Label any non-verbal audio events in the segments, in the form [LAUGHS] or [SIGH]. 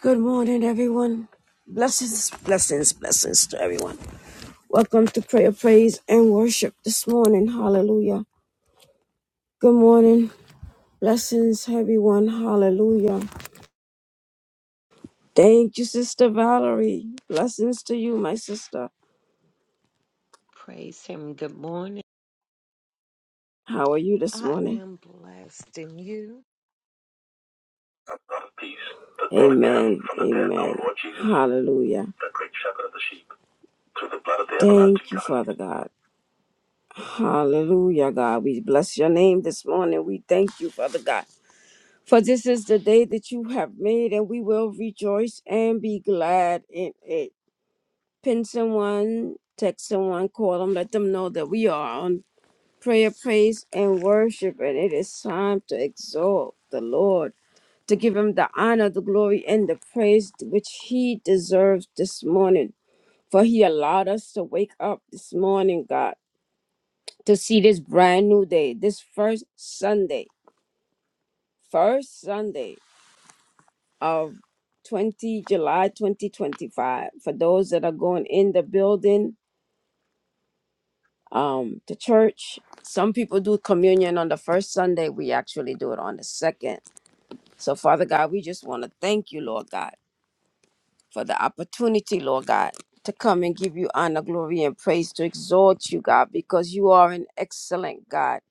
Good morning, everyone. Blessings, blessings, blessings to everyone. Welcome to prayer, praise, and worship this morning. Hallelujah. Good morning. Blessings, everyone. Hallelujah. Thank you, Sister Valerie. Blessings to you, my sister. Praise him. Good morning. How are you this I morning? am blessed in you. Amen. Amen. Hallelujah. Thank you, Father God. Hallelujah, God. We bless your name this morning. We thank you, Father God. For this is the day that you have made, and we will rejoice and be glad in it. Pin someone, text someone, call them, let them know that we are on prayer, praise, and worship, and it is time to exalt the Lord, to give him the honor, the glory, and the praise which he deserves this morning. For he allowed us to wake up this morning, God, to see this brand new day, this first Sunday. First Sunday of 20 July 2025 for those that are going in the building um the church some people do communion on the first Sunday we actually do it on the second so father God we just want to thank you Lord God for the opportunity Lord God to come and give you honor glory and praise to exalt you God because you are an excellent God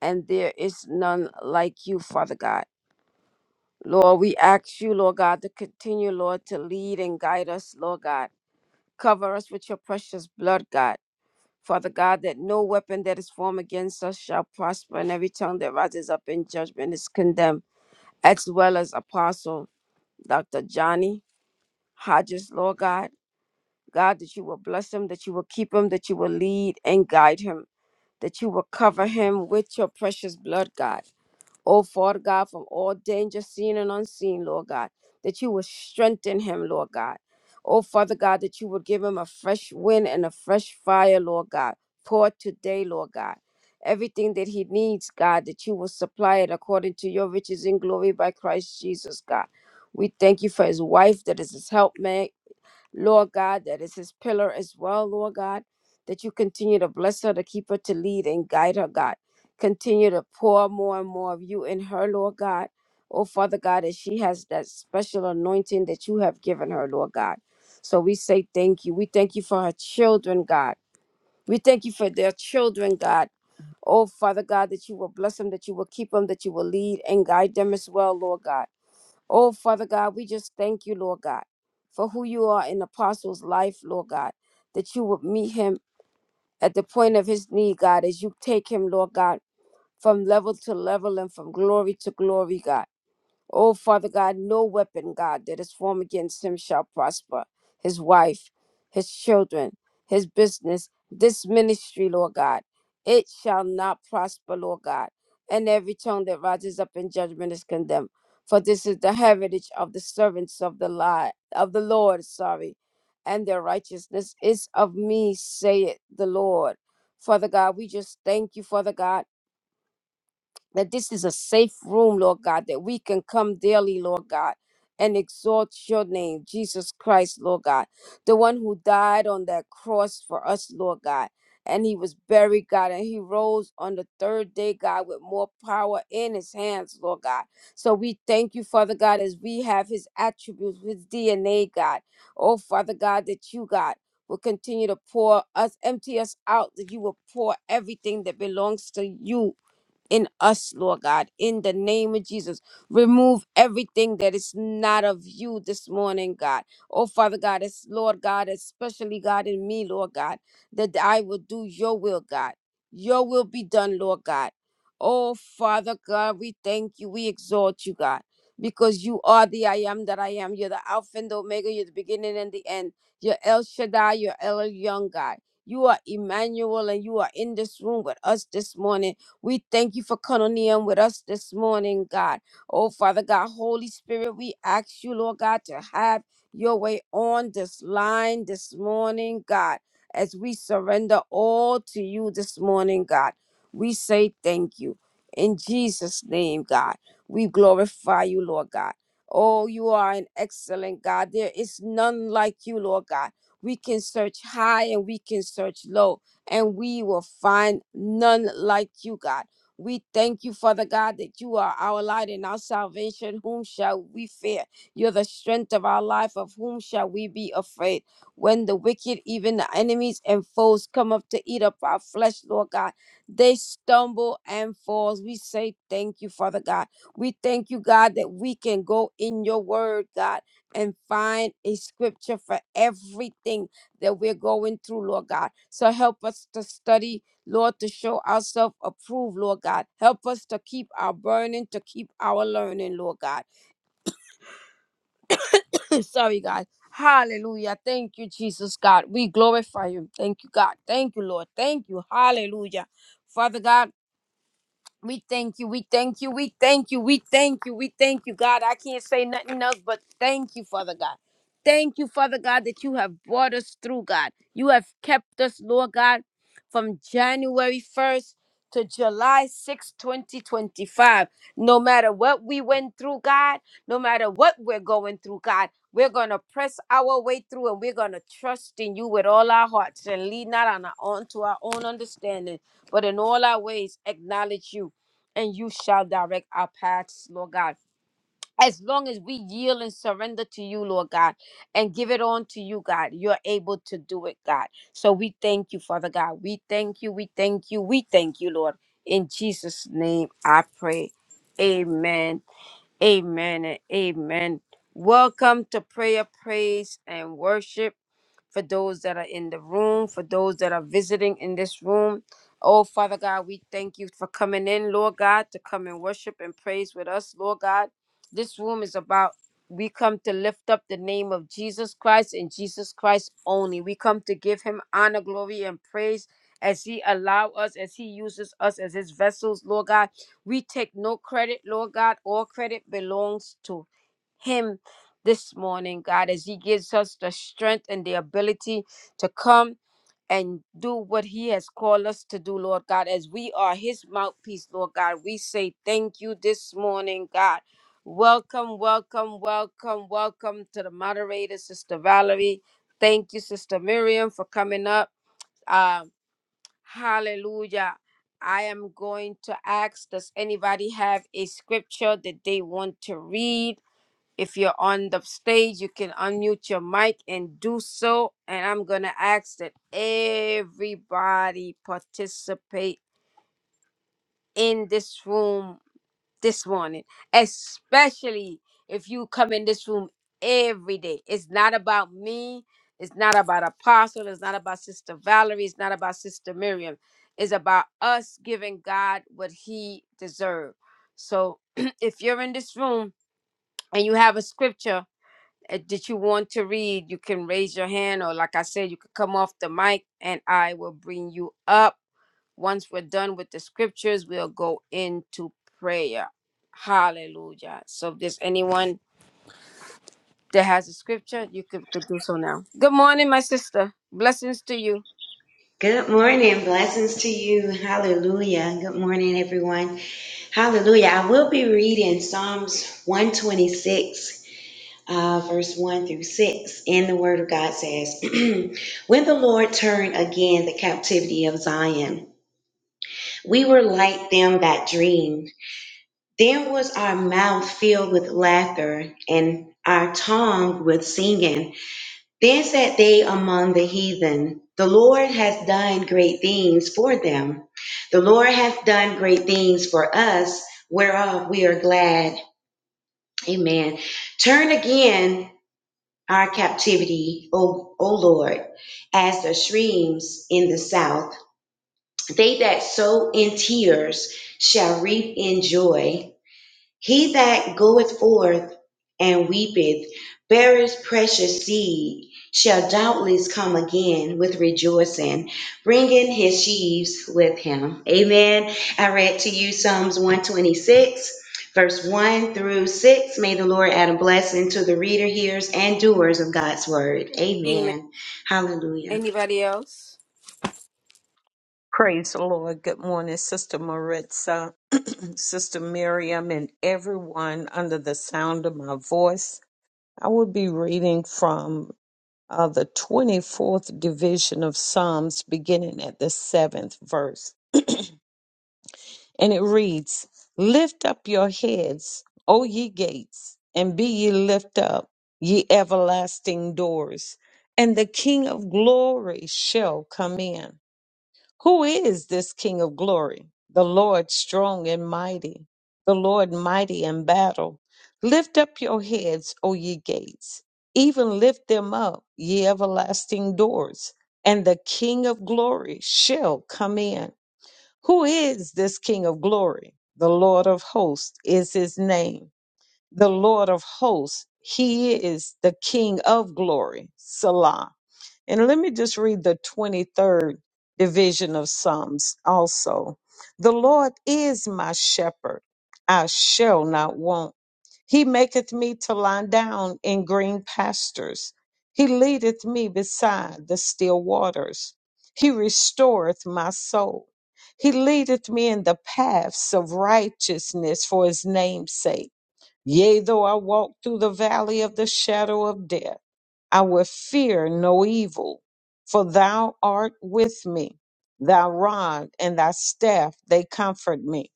and there is none like you Father God Lord, we ask you, Lord God, to continue, Lord, to lead and guide us, Lord God Cover us with your precious blood, God. Father God, that no weapon that is formed against us shall prosper, and every tongue that rises up in judgment is condemned, as well as Apostle Dr. Johnny Hodges, Lord God. God, that you will bless him, that you will keep him, that you will lead and guide him, that you will cover him with your precious blood, God. Oh, Father God, from all danger, seen and unseen, Lord God, that you would strengthen him, Lord God. Oh, Father God, that you would give him a fresh wind and a fresh fire, Lord God. Pour today, Lord God. Everything that he needs, God, that you will supply it according to your riches in glory by Christ Jesus, God. We thank you for his wife that is his helpmate Lord God, that is his pillar as well, Lord God, that you continue to bless her, to keep her, to lead and guide her, God. Continue to pour more and more of you in her, Lord God. Oh, Father God, that she has that special anointing that you have given her, Lord God. So we say thank you. We thank you for her children, God. We thank you for their children, God. Oh, Father God, that you will bless them, that you will keep them, that you will lead and guide them as well, Lord God. Oh, Father God, we just thank you, Lord God, for who you are in Apostle's life, Lord God, that you would meet him at the point of his need, God, as you take him, Lord God, from level to level and from glory to glory, God. Oh, Father God, no weapon, God, that is formed against him shall prosper. His wife, his children, his business, this ministry, Lord God, it shall not prosper, Lord God. And every tongue that rises up in judgment is condemned. For this is the heritage of the servants of the lie of the Lord, sorry, and their righteousness is of me, saith the Lord. Father God, we just thank you, Father God that this is a safe room, Lord God, that we can come daily, Lord God, and exalt your name, Jesus Christ, Lord God, the one who died on that cross for us, Lord God. And he was buried, God, and he rose on the third day, God, with more power in his hands, Lord God. So we thank you, Father God, as we have his attributes, his DNA, God. Oh, Father God, that you, God, will continue to pour us, empty us out, that you will pour everything that belongs to you in us, Lord God, in the name of Jesus. Remove everything that is not of you this morning, God. Oh, Father God, it's Lord God, especially God in me, Lord God, that I will do your will, God. Your will be done, Lord God. Oh, Father God, we thank you. We exalt you, God, because you are the I am that I am. You're the Alpha and the Omega. You're the beginning and the end. You're El Shaddai. You're El Young, God. You are Emmanuel, and you are in this room with us this morning. We thank you for Cononium with us this morning, God. Oh, Father God, Holy Spirit, we ask you, Lord God, to have your way on this line this morning, God, as we surrender all to you this morning, God. We say thank you. In Jesus' name, God, we glorify you, Lord God. Oh, you are an excellent God. There is none like you, Lord God. We can search high and we can search low and we will find none like you, God. We thank you, Father God, that you are our light and our salvation. Whom shall we fear? You're the strength of our life. Of whom shall we be afraid? When the wicked, even the enemies and foes, come up to eat up our flesh, Lord God, they stumble and fall. We say thank you, Father God. We thank you, God, that we can go in your word, God, and find a scripture for everything that we're going through, Lord God. So help us to study, Lord, to show ourselves approved, Lord God. Help us to keep our burning, to keep our learning, Lord God. [LAUGHS] [CLEARS THROAT] Sorry, God. Hallelujah. Thank you, Jesus, God. We glorify you. Thank you, God. Thank you, Lord. Thank you. Hallelujah. Father God, We thank you. We thank you. We thank you. We thank you. We thank you, God. I can't say nothing else but thank you, Father God. Thank you, Father God, that you have brought us through, God. You have kept us, Lord God, from January 1st to July 6, 2025. No matter what we went through, God, no matter what we're going through, God, we're going to press our way through and we're going to trust in you with all our hearts and lean not on our own to our own understanding, but in all our ways acknowledge you and you shall direct our paths, Lord God. As long as we yield and surrender to you, Lord God, and give it on to you, God, you're able to do it, God. So we thank you, Father God. We thank you. We thank you. We thank you, Lord. In Jesus' name I pray. Amen. Amen and amen. Welcome to prayer, praise, and worship for those that are in the room, for those that are visiting in this room. Oh, Father God, we thank you for coming in, Lord God, to come and worship and praise with us, Lord God. This room is about, we come to lift up the name of Jesus Christ and Jesus Christ only. We come to give him honor, glory, and praise as he allow us, as he uses us as his vessels, Lord God. We take no credit, Lord God. All credit belongs to him this morning, God, as he gives us the strength and the ability to come and do what he has called us to do, Lord God, as we are his mouthpiece, Lord God. We say thank you this morning, God. Welcome, welcome, welcome, welcome to the moderator, Sister Valerie. Thank you, Sister Miriam, for coming up. Um, hallelujah. I am going to ask, does anybody have a scripture that they want to read? If you're on the stage, you can unmute your mic and do so. And I'm going to ask that everybody participate in this room this morning, especially if you come in this room every day. It's not about me. It's not about Apostle. It's not about Sister Valerie. It's not about Sister Miriam. It's about us giving God what he deserves. So [CLEARS THROAT] if you're in this room and you have a scripture, uh, did you want to read, you can raise your hand, or like I said, you could come off the mic and I will bring you up. Once we're done with the scriptures, we'll go into prayer. Hallelujah. So, if there's anyone that has a scripture, you could, could do so now. Good morning, my sister. Blessings to you. Good morning. Blessings to you. Hallelujah. Good morning, everyone. Hallelujah. I will be reading Psalms 126, uh, verse 1 through 6. And the Word of God says, [CLEARS THROAT] When the Lord turned again the captivity of Zion, we were like them that dreamed. Then was our mouth filled with laughter and our tongue with singing. Then said they among the heathen, The Lord hath done great things for them. The Lord hath done great things for us, whereof we are glad. Amen. Turn again our captivity, O, o Lord, as the streams in the south. They that sow in tears shall reap in joy. He that goeth forth and weepeth, beareth precious seed, shall doubtless come again with rejoicing, bringing his sheaves with him. Amen. I read to you Psalms 126. Verse 1 through 6, may the Lord add a blessing to the reader, hearers, and doers of God's word. Amen. Amen. Hallelujah. Anybody else? Praise the Lord. Good morning, Sister Maritza, [CLEARS THROAT] Sister Miriam, and everyone under the sound of my voice. I will be reading from uh, the 24th division of Psalms, beginning at the seventh verse. And it reads, Lift up your heads, O ye gates, and be ye lift up, ye everlasting doors, and the King of glory shall come in. Who is this King of glory? The Lord strong and mighty, the Lord mighty in battle. Lift up your heads, O ye gates, even lift them up, ye everlasting doors, and the King of glory shall come in. Who is this King of glory? The Lord of hosts is his name the Lord of hosts. He is the King of glory. Salah. And let me just read the 23rd division of Psalms also. The Lord is my shepherd. I shall not want. He maketh me to lie down in green pastures. He leadeth me beside the still waters. He restoreth my soul. He leadeth me in the paths of righteousness for his name's sake. Yea, though I walk through the valley of the shadow of death, I will fear no evil, for thou art with me. Thy rod and thy staff, they comfort me.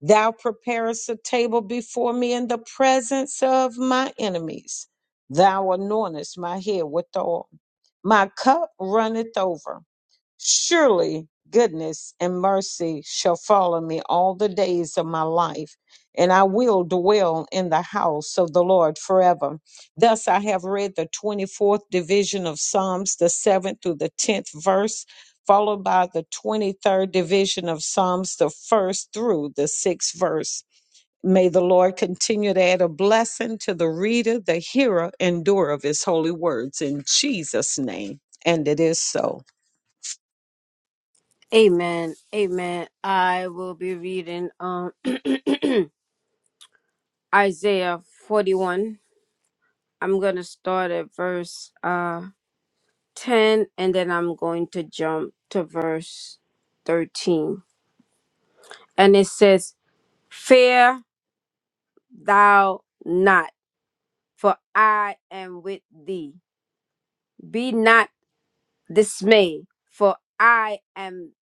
Thou preparest a table before me in the presence of my enemies. Thou anointest my head with oil. My cup runneth over. Surely goodness and mercy shall follow me all the days of my life, and I will dwell in the house of the Lord forever. Thus I have read the 24th division of Psalms, the 7th through the 10th verse, followed by the 23rd division of Psalms, the 1st through the 6th verse. May the Lord continue to add a blessing to the reader, the hearer, and doer of his holy words. In Jesus' name. And it is so. Amen. Amen. I will be reading um [CLEARS THROAT] Isaiah 41. I'm going to start at verse uh 10 and then I'm going to jump to verse 13. And it says, Fear thou not, for I am with thee. Be not dismayed, for I am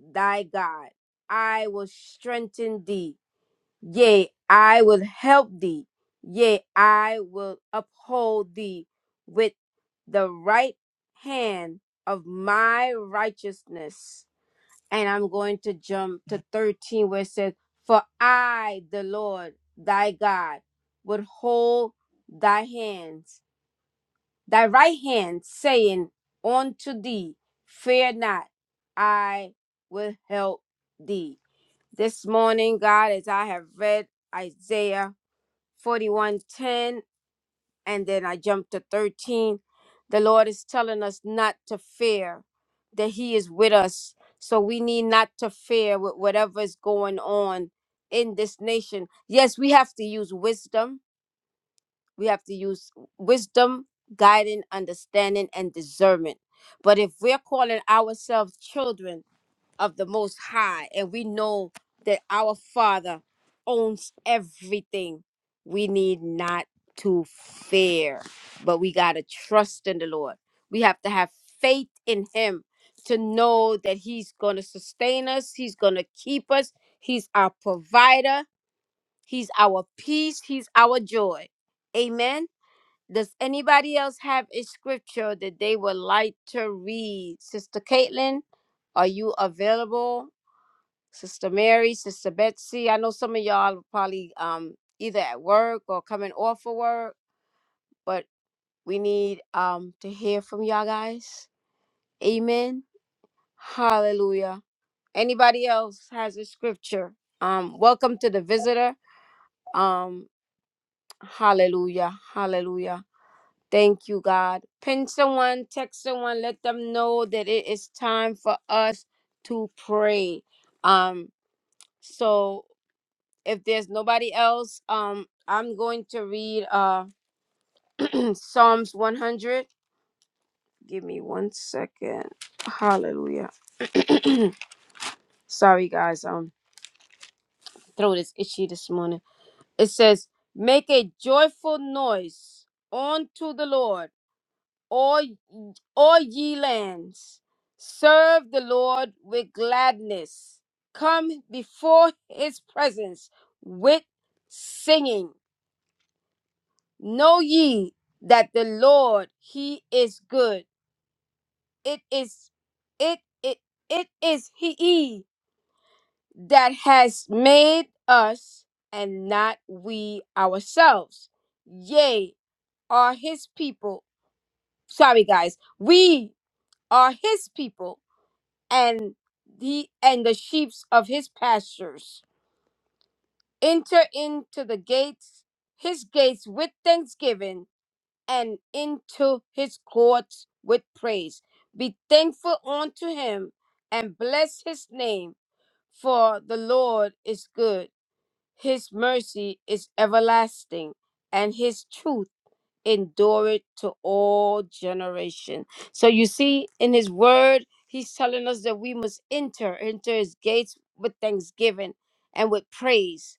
thy God. I will strengthen thee. Yea, I will help thee. Yea, I will uphold thee with the right hand of my righteousness and I'm going to jump to 13 where it says, For I, the Lord thy God, would hold thy hands, thy right hand, saying unto thee, Fear not, I will help thee. This morning, God, as I have read Isaiah 41:10 and then I jumped to 13. The Lord is telling us not to fear, that He is with us. So we need not to fear with whatever is going on in this nation. Yes, we have to use wisdom. We have to use wisdom, guiding, understanding, and discernment. But if we're calling ourselves children, of the Most High, and we know that our Father owns everything. We need not to fear, but we got to trust in the Lord. We have to have faith in Him to know that He's going to sustain us, He's going to keep us, He's our provider, He's our peace, He's our joy. Amen. Does anybody else have a scripture that they would like to read? Sister Caitlin, are you available? Sister Mary, Sister Betsy. I know some of y'all are probably um, either at work or coming off of work, but we need um, to hear from y'all guys. Amen. Hallelujah. Anybody else has a scripture? Um, welcome to the visitor. Um, hallelujah. Hallelujah. Thank you, God. Pin someone, text someone, let them know that it is time for us to pray. Um, so if there's nobody else, um, I'm going to read uh [CLEARS THROAT] Psalms 100. Give me one second. Hallelujah. [CLEARS THROAT] Sorry, guys. Um, throat is itchy this morning. It says, "Make a joyful noise unto the Lord, all all ye lands. Serve the Lord with gladness. Come before His presence with singing." Know ye that the Lord he is good. It is it it it is he that has made us and not we ourselves. Yea, are his people. Sorry guys, we are his people and he and the sheep of his pastures. Enter into the gates, his gates with thanksgiving and into his courts with praise. Be thankful unto him and bless his name, for the Lord is good. His mercy is everlasting, and his truth endureth to all generation. So you see, in his word, he's telling us that we must enter into his gates with thanksgiving and with praise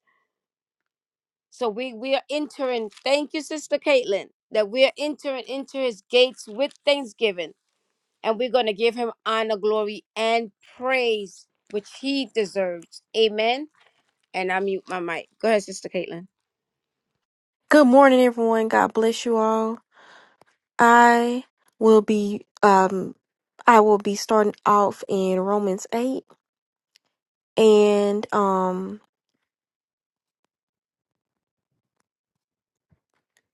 so we we are entering. Thank you, Sister Caitlin, that we are entering into His gates with thanksgiving, and we're going to give Him honor, glory, and praise, which He deserves. Amen. And I mute my mic. Go ahead, Sister Caitlin. Good morning, everyone. God bless you all. I will be um I will be starting off in Romans 8 and um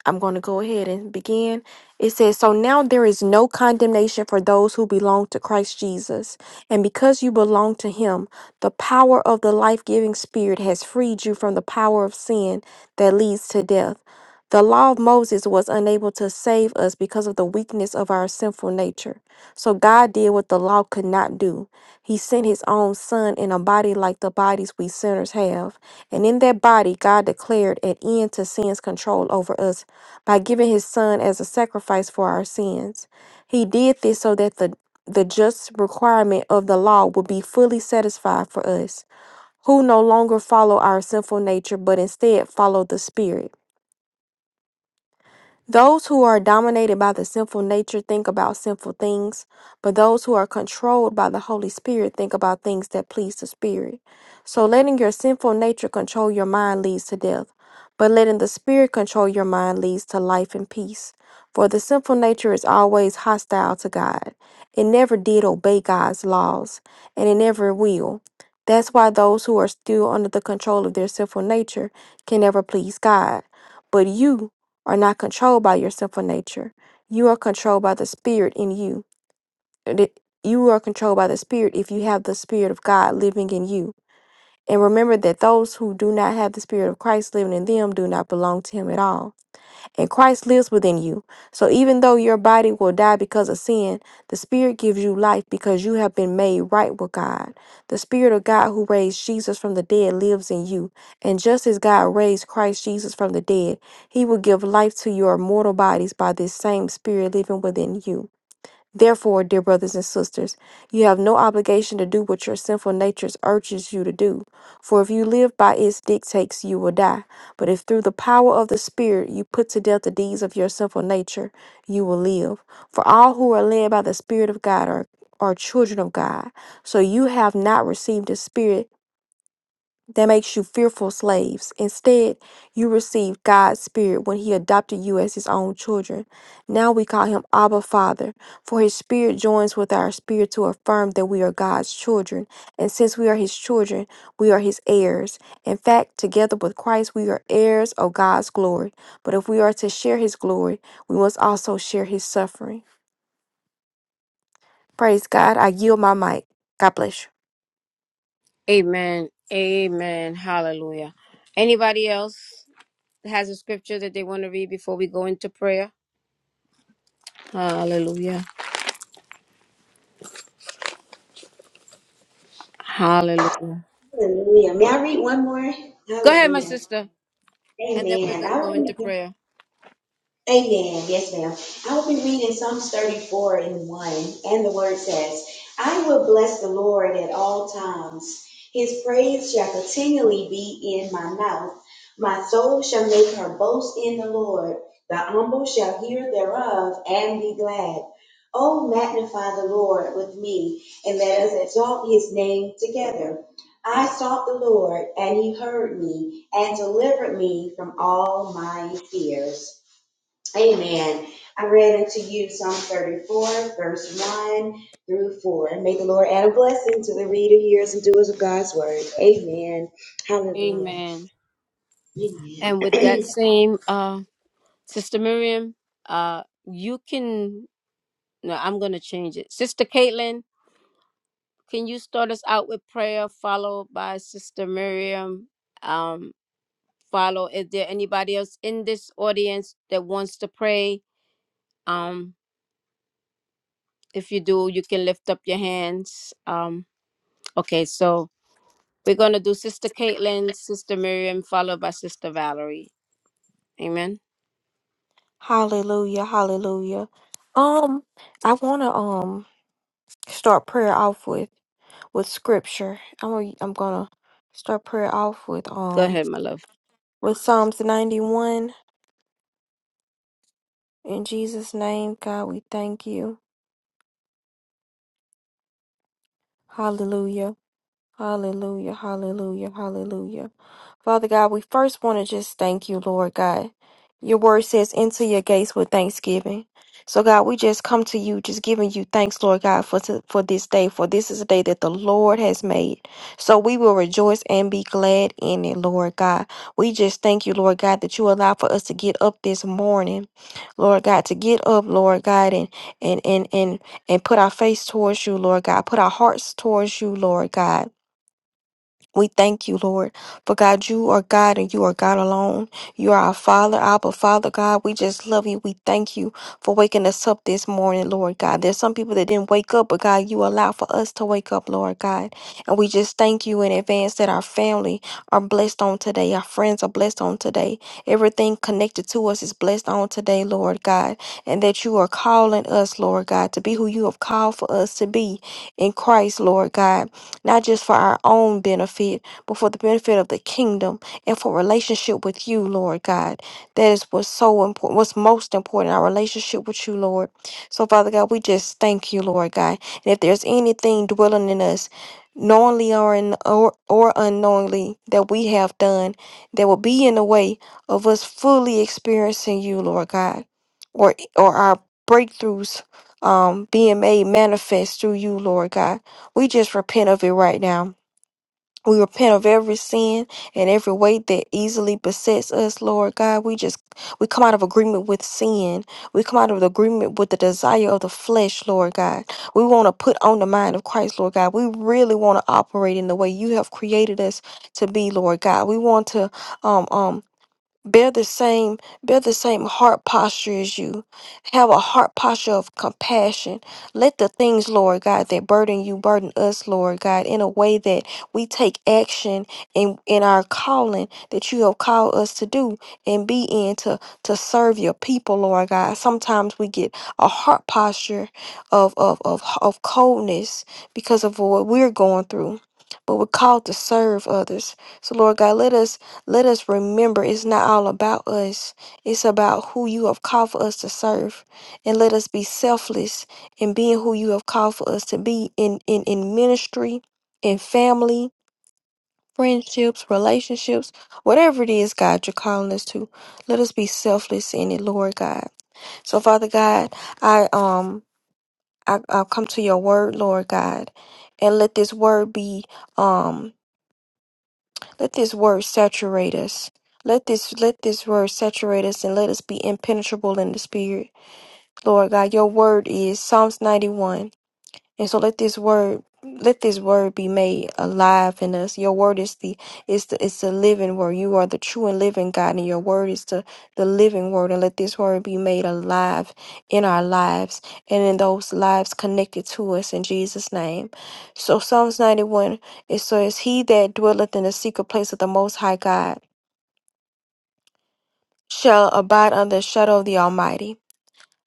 I'm going to go ahead and begin. It says, So now there is no condemnation for those who belong to Christ Jesus. And because you belong to him, the power of the life giving spirit has freed you from the power of sin that leads to death. The law of Moses was unable to save us because of the weakness of our sinful nature. So God did what the law could not do. He sent his own son in a body like the bodies we sinners have. And in that body, God declared an end to sin's control over us by giving his son as a sacrifice for our sins. He did this so that the, the just requirement of the law would be fully satisfied for us, who no longer follow our sinful nature, but instead follow the Spirit. Those who are dominated by the sinful nature think about sinful things, but those who are controlled by the Holy Spirit think about things that please the Spirit. So letting your sinful nature control your mind leads to death, but letting the Spirit control your mind leads to life and peace. For the sinful nature is always hostile to God. It never did obey God's laws, and it never will. That's why those who are still under the control of their sinful nature can never please God. But you, are not controlled by your sinful nature. You are controlled by the Spirit in you. And it- You are controlled by the Spirit if you have the Spirit of God living in you. And remember that those who do not have the Spirit of Christ living in them do not belong to Him at all and Christ lives within you. So even though your body will die because of sin, the Spirit gives you life because you have been made right with God. The Spirit of God who raised Jesus from the dead lives in you. And just as God raised Christ Jesus from the dead, He will give life to your mortal bodies by this same Spirit living within you. Therefore, dear brothers and sisters, you have no obligation to do what your sinful nature urges you to do. For if you live by its dictates, you will die. But if through the power of the Spirit you put to death the deeds of your sinful nature, you will live. For all who are led by the Spirit of God are are children of God. So you have not received the spirit that makes you fearful slaves. Instead, you received God's Spirit when He adopted you as His own children. Now we call Him Abba Father, for His Spirit joins with our spirit to affirm that we are God's children. And since we are His children, we are His heirs. In fact, together with Christ, we are heirs of God's glory. But if we are to share His glory, we must also share His suffering. Praise God. I yield my mic. God bless you. Amen. Amen. Hallelujah. Anybody else has a scripture that they want to read before we go into prayer? Hallelujah. Hallelujah. Hallelujah. May I read one more? Go ahead, my Hallelujah. sister, and then we're Amen. I going to go into want prayer. Amen. Yes, ma'am. I will be reading Psalms 34 and 1, and the word says, I will bless the Lord at all times. His praise shall continually be in my mouth. My soul shall make her boast in the Lord. The humble shall hear thereof and be glad. Oh, magnify the Lord with me, and let us exalt his name together. I sought the Lord, and he heard me, and delivered me from all my fears. Amen. I read unto you Psalm 34, verse 1 through 4. And may the Lord add a blessing to the reader, hearers, and doers of God's word. Amen. Hallelujah. Amen. Amen. And with that same uh Sister Miriam, uh, you can. No, I'm going to change it. Sister Caitlin, can you start us out with prayer, followed by Sister Miriam? Um, follow. Is there anybody else in this audience that wants to pray? Um, if you do, you can lift up your hands. Um, okay, so we're going to do Sister Caitlin, Sister Miriam, followed by Sister Valerie. Amen. Hallelujah. Hallelujah. Um, I want to um start prayer off with with scripture. I'm gonna, I'm gonna start prayer off with Go um ahead, my love. with Psalms 91. In Jesus' name, God, we thank you. Hallelujah. Hallelujah. Hallelujah. Hallelujah. Father God, we first want to just thank you, Lord God. Your word says, enter your gates with thanksgiving. So, God, we just come to you, just giving you thanks, Lord God, for, for this day, for this is a day that the Lord has made. So, we will rejoice and be glad in it, Lord God. We just thank you, Lord God, that you allow for us to get up this morning, Lord God, to get up, Lord God, and, and, and, and, and put our face towards you, Lord God, put our hearts towards you, Lord God. We thank you, Lord, for God, you are God and you are God alone. You are our Father, Abba, Father God. We just love you. We thank you for waking us up this morning, Lord God. There's some people that didn't wake up, but God, you allow for us to wake up, Lord God. And we just thank you in advance that our family are blessed on today. Our friends are blessed on today. Everything connected to us is blessed on today, Lord God. And that you are calling us, Lord God, to be who you have called for us to be in Christ, Lord God not just for our own benefit, but for the benefit of the kingdom and for relationship with you, Lord God. That is what's so important, what's most important, our relationship with you, Lord. So, Father God, we just thank you, Lord God. And if there's anything dwelling in us, knowingly or, in, or or unknowingly that we have done that will be in the way of us fully experiencing you lord god or or our breakthroughs um being made manifest through you lord god we just repent of it right now. We repent of every sin and every weight that easily besets us, Lord God. We just we come out of agreement with sin. We come out of agreement with the desire of the flesh, Lord God. We want to put on the mind of Christ, Lord God. We really want to operate in the way you have created us to be, Lord God. We want to um um bear the same bear the same heart posture as you have a heart posture of compassion let the things lord god that burden you burden us lord god in a way that we take action in in our calling that you have called us to do and be in to to serve your people lord god sometimes we get a heart posture of of of, of coldness because of what we're going through but we're called to serve others so lord god let us let us remember it's not all about us, it's about who you have called for us to serve. And let us be selfless in being who you have called for us to be in, in, in ministry, in family, friendships, relationships, whatever it is, God, you're calling us to. Let us be selfless in it, Lord God. So, Father God, I um I, I come to your word, Lord God, and let this word be um let this word saturate us. Let this let this word saturate us and let us be impenetrable in the spirit. Lord God, your word is Psalms 91. And so let this word let this word be made alive in us. Your word is the is the it's the living word. You are the true and living God, and your word is the the living word. And let this word be made alive in our lives and in those lives connected to us in Jesus' name. So Psalms ninety one it says, "He that dwelleth in the secret place of the Most High God shall abide under the shadow of the Almighty."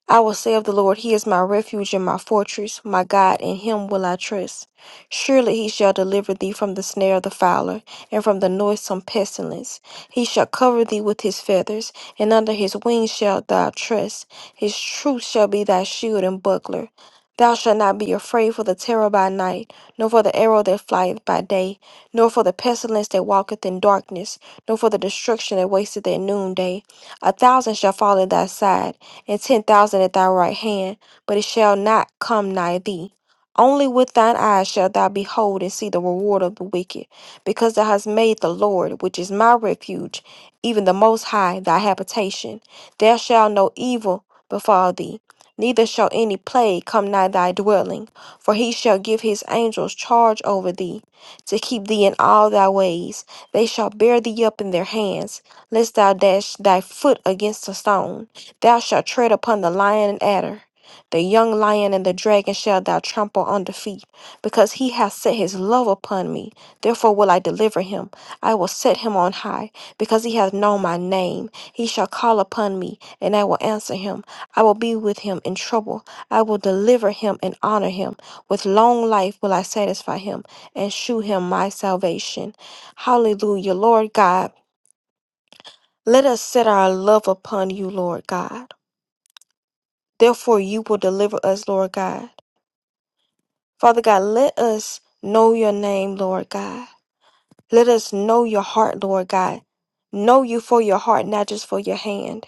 I will say of the Lord, He is my refuge and my fortress, my God, in Him will I trust. Surely He shall deliver thee from the snare of the fowler, and from the noisome pestilence. He shall cover thee with His feathers, and under His wings shalt thou trust. His truth shall be thy shield and buckler. Thou shalt not be afraid for the terror by night, nor for the arrow that flieth by day, nor for the pestilence that walketh in darkness, nor for the destruction that wasteth at noonday. A thousand shall fall at thy side and ten thousand at thy right hand, but it shall not come nigh thee. Only with thine eyes shalt thou behold and see the reward of the wicked, because thou hast made the Lord, which is my refuge, even the Most High, thy habitation. There shall no evil befall thee, neither shall any plague come nigh thy dwelling. For he shall give his angels charge over thee, to keep thee in all thy ways. They shall bear thee up in their hands, lest thou dash thy foot against a stone. Thou shalt tread upon the lion and adder. The young lion and the dragon shalt thou trample under feet, because he hath set his love upon me. Therefore will I deliver him. I will set him on high, because he hath known my name. He shall call upon me, and I will answer him. I will be with him in trouble. I will deliver him and honor him. With long life will I satisfy him, and shew him my salvation. Hallelujah, Lord God. Let us set our love upon you, Lord God. Therefore, you will deliver us, Lord God. Father God, let us know your name, Lord God. Let us know your heart, Lord God. Know you for your heart, not just for your hand.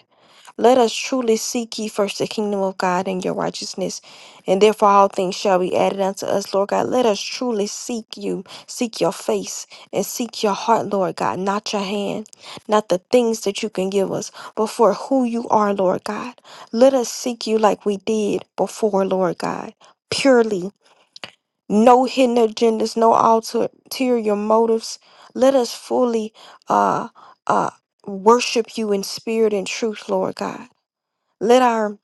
Let us truly seek ye first the kingdom of God and your righteousness, and therefore all things shall be added unto us, Lord God. Let us truly seek you, seek your face, and seek your heart, Lord God, not your hand, not the things that you can give us, but for who you are, Lord God. Let us seek you like we did before, Lord God, purely, no hidden agendas, no alter- ulterior motives. Let us fully uh, uh, worship you in spirit and truth, Lord God. Let our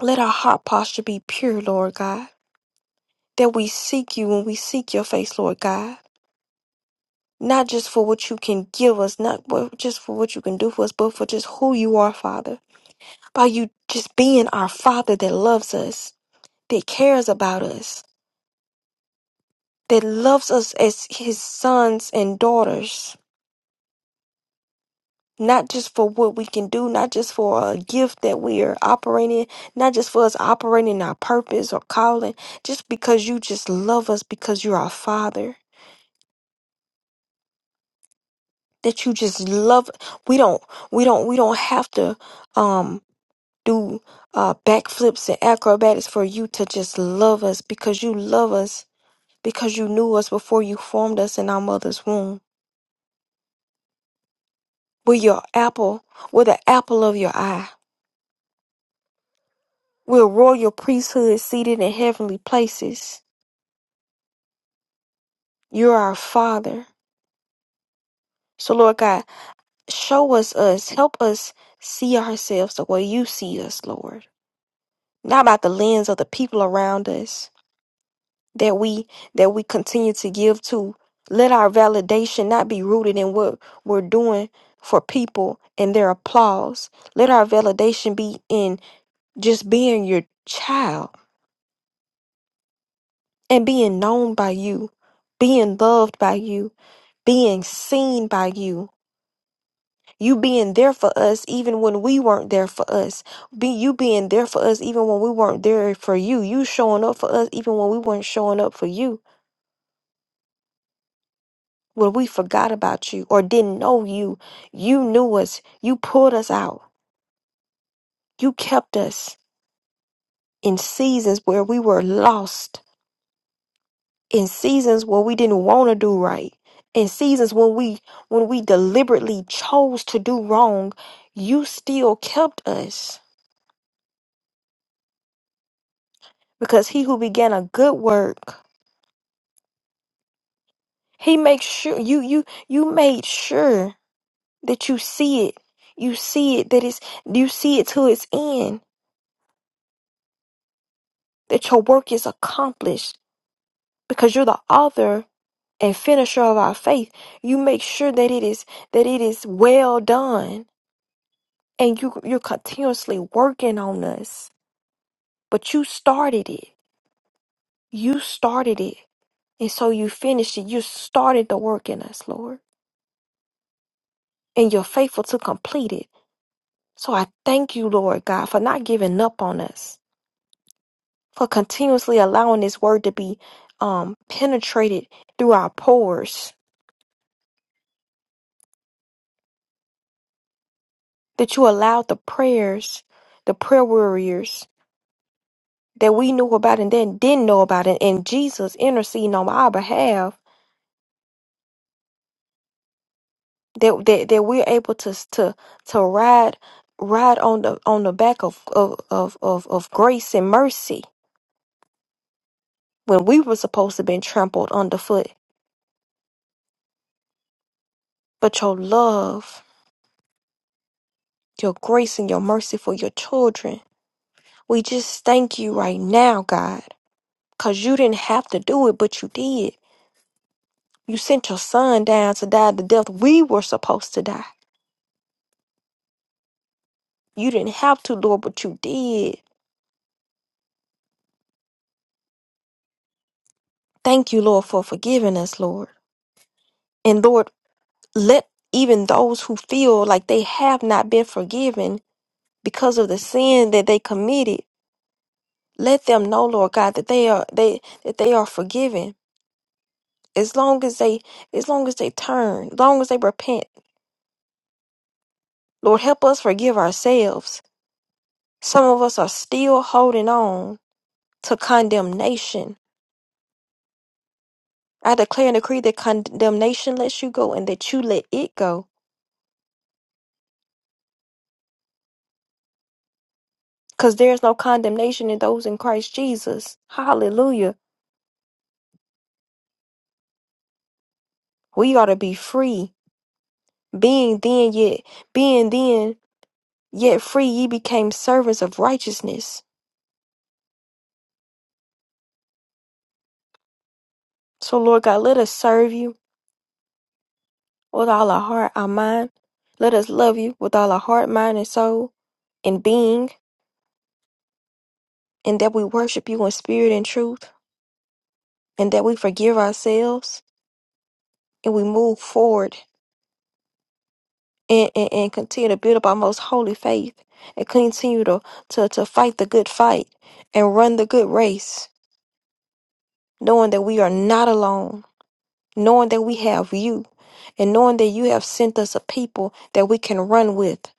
let our heart posture be pure, Lord God, that we seek you when we seek your face, Lord God. Not just for what you can give us, not what, just for what you can do for us, but for just who you are, Father. By you just being our Father that loves us, that cares about us, that loves us as his sons and daughters. not just for what we can do, not just for a gift that we are operating, not just for us operating our purpose or calling, just because you just love us because you're our father. That you just love we don't we don't we don't have to um do uh backflips and acrobatics for you to just love us because you love us because you knew us before you formed us in our mother's womb. We're your apple, we're the apple of your eye. We're royal priesthood seated in heavenly places. You are our Father. So, Lord God, show us us. Help us see ourselves the way you see us, Lord. Not about the lens of the people around us that we that we continue to give to. Let our validation not be rooted in what we're doing for people and their applause. Let our validation be in just being your child and being known by you, being loved by you, being seen by you You being there for us even when we weren't there for us. Be you being there for us even when we weren't there for you. You showing up for us even when we weren't showing up for you. When we forgot about you or didn't know you, you knew us. You pulled us out. You kept us in seasons where we were lost, in seasons where we didn't want to do right, in seasons when we when we deliberately chose to do wrong, you still kept us because he who began a good work He makes sure you you you made sure that you see it. You see it that it's you see it to its end, that your work is accomplished because you're the author and finisher of our faith. You make sure that it is that it is well done and you you're continuously working on us. But you started it. You started it. And so you finished it. You started the work in us, Lord. And you're faithful to complete it. So I thank you, Lord God, for not giving up on us, for continuously allowing this word to be um, penetrated through our pores, that you allowed the prayers, the prayer warriors that we knew about and then didn't know about, and, and Jesus interceding on our behalf, that, that, that we're able to, to, to ride ride on the on the back of, of, of, of, of grace and mercy when we were supposed to be trampled underfoot. But your love your grace and your mercy for your children. We just thank you right now, God, because you didn't have to do it, but you did. You sent your son down to die the death we were supposed to die. You didn't have to, Lord, but you did. Thank you, Lord, for forgiving us, Lord. And Lord, let even those who feel like they have not been forgiven because of the sin that they committed, let them know, Lord God, that they are they that they are forgiven as long as they as long as they turn as long as they repent lord help us forgive ourselves some of us are still holding on to condemnation i declare and decree that condemnation lets you go and that you let it go because there's no condemnation in those in christ jesus hallelujah we ought to be free being then yet being then yet free ye became servants of righteousness so lord god let us serve you With all our heart, our mind, let us love you with all our heart, mind, and soul, and being, and that we worship you in spirit and truth, and that we forgive ourselves, and we move forward and, and, and continue to build up our most holy faith, and continue to, to, to fight the good fight and run the good race, knowing that we are not alone, knowing that we have you, and knowing that you have sent us a people that we can run with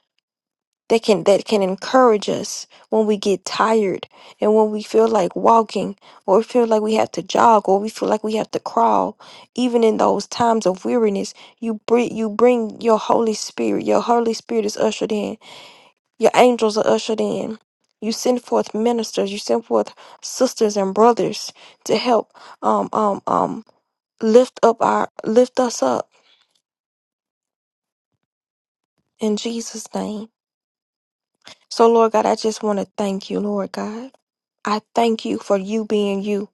that can that can encourage us when we get tired and when we feel like walking or feel like we have to jog or we feel like we have to crawl even in those times of weariness you bring you bring your holy spirit your holy spirit is ushered in your angels are ushered in you send forth ministers you send forth sisters and brothers to help um um um lift up our lift us up in Jesus name so Lord God I just want to thank you Lord God I thank you for you being you.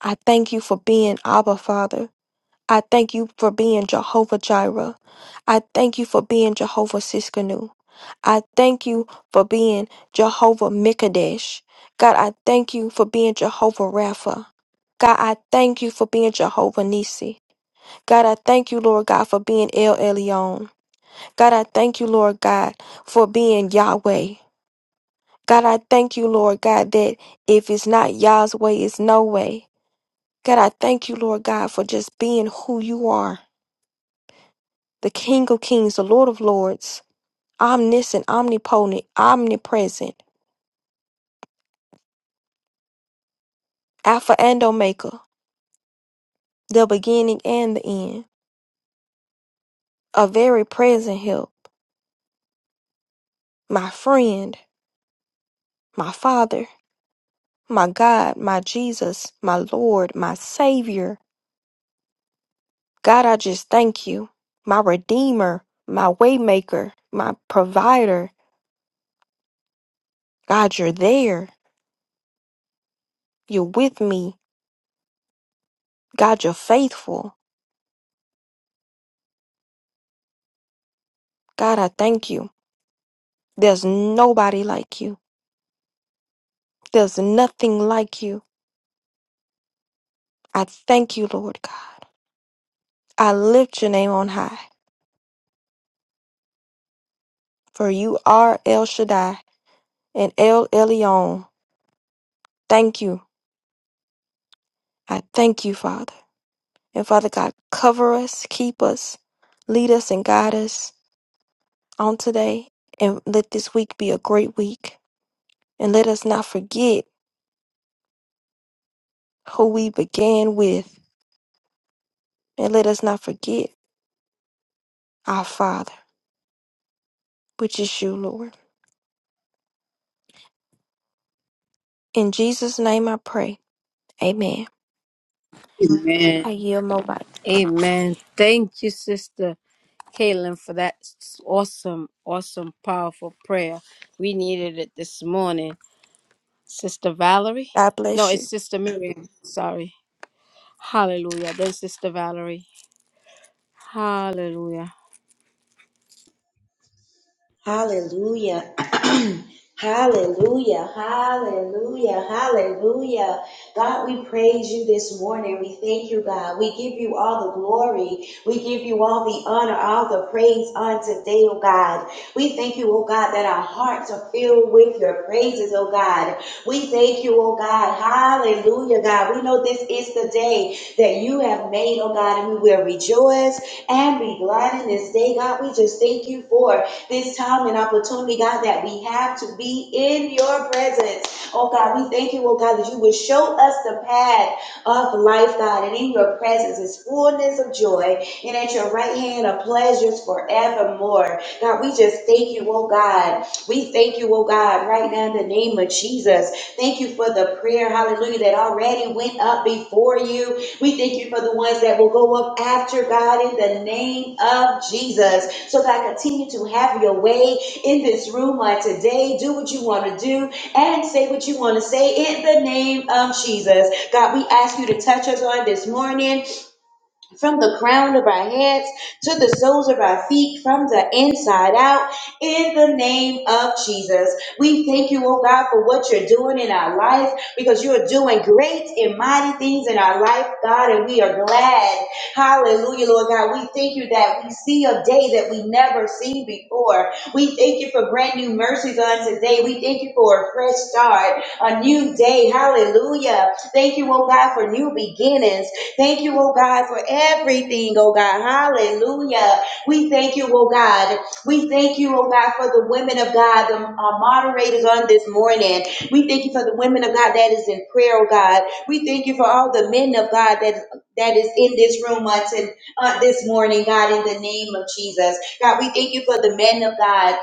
I thank you for being Abba Father. I thank you for being Jehovah Jireh. I thank you for being Jehovah Siskanu. I thank you for being Jehovah Mikadesh. God, I thank you for being Jehovah Rapha. God, I thank you for being Jehovah Nisi. God, I thank you, Lord God, for being El Elyon. God, I thank you, Lord God, for being Yahweh. God, I thank you, Lord God, that if it's not Yah's way, it's no way. God, I thank you, Lord God, for just being who you are the King of Kings, the Lord of Lords, omniscient, omnipotent, omnipresent, Alpha and Omega, the beginning and the end, a very present help, my friend, my Father, my God, my Jesus, my Lord, my Savior. God, I just thank you, my Redeemer, my Waymaker, my Provider. God, you're there. You're with me. God, you're faithful. God, I thank you. There's nobody like you. There's nothing like you. I thank you, Lord God. I lift your name on high, for you are El Shaddai and El Elyon. Thank you. I thank you, Father. And Father God, cover us, keep us, lead us, and guide us on today. And let this week be a great week. And let us not forget who we began with. And let us not forget our Father, which is you, Lord. In Jesus' name I pray. Amen. Amen. I yield my mic. Amen. Thank you, Sister. Caitlin, for that s- awesome, awesome, powerful prayer. We needed it this morning. Sister Valerie? God No, bless you. it's Sister Miriam. Sorry. Hallelujah. Then Sister Valerie. Hallelujah. Hallelujah. [CLEARS THROAT] Hallelujah, hallelujah, hallelujah. God, we praise you this morning. We thank you, God. We give you all the glory. We give you all the honor, all the praise on today, oh God. We thank you, oh God, that our hearts are filled with your praises, oh God. We thank you, oh God. Hallelujah, God. We know this is the day that you have made, oh God, and we will rejoice and be glad in this day, God. We just thank you for this time and opportunity, God, that we have to be in your presence. Oh God, we thank you, oh God, that you would show us the path of life, God, and in your presence is fullness of joy, and at your right hand are pleasures forevermore. God, we just thank you, oh God. We thank you, oh God, right now in the name of Jesus. Thank you for the prayer, hallelujah, that already went up before you. We thank you for the ones that will go up after God in the name of Jesus. So God, continue to have your way in this room on today. Do what you want to do and say what you want to say in the name of Jesus. God, we ask you to touch us on this morning from the crown of our heads to the soles of our feet, from the inside out, in the name of Jesus. We thank you, oh God, for what you're doing in our life because you're doing great and mighty things in our life, God, and we are glad. Hallelujah, Lord God. We thank you that we see a day that we never seen before. We thank you for brand new mercies on today. We thank you for a fresh start, a new day. Hallelujah. Thank you, oh God, for new beginnings. Thank you, oh God, for everything, oh God. Hallelujah. We thank you, oh God. We thank you, oh God, for the women of God, the uh, moderators on this morning. We thank you for the women of God that is in prayer, oh God. We thank you for all the men of God that that is in this room on, to, uh, this morning, God, in the name of Jesus. God, we thank you for the men of God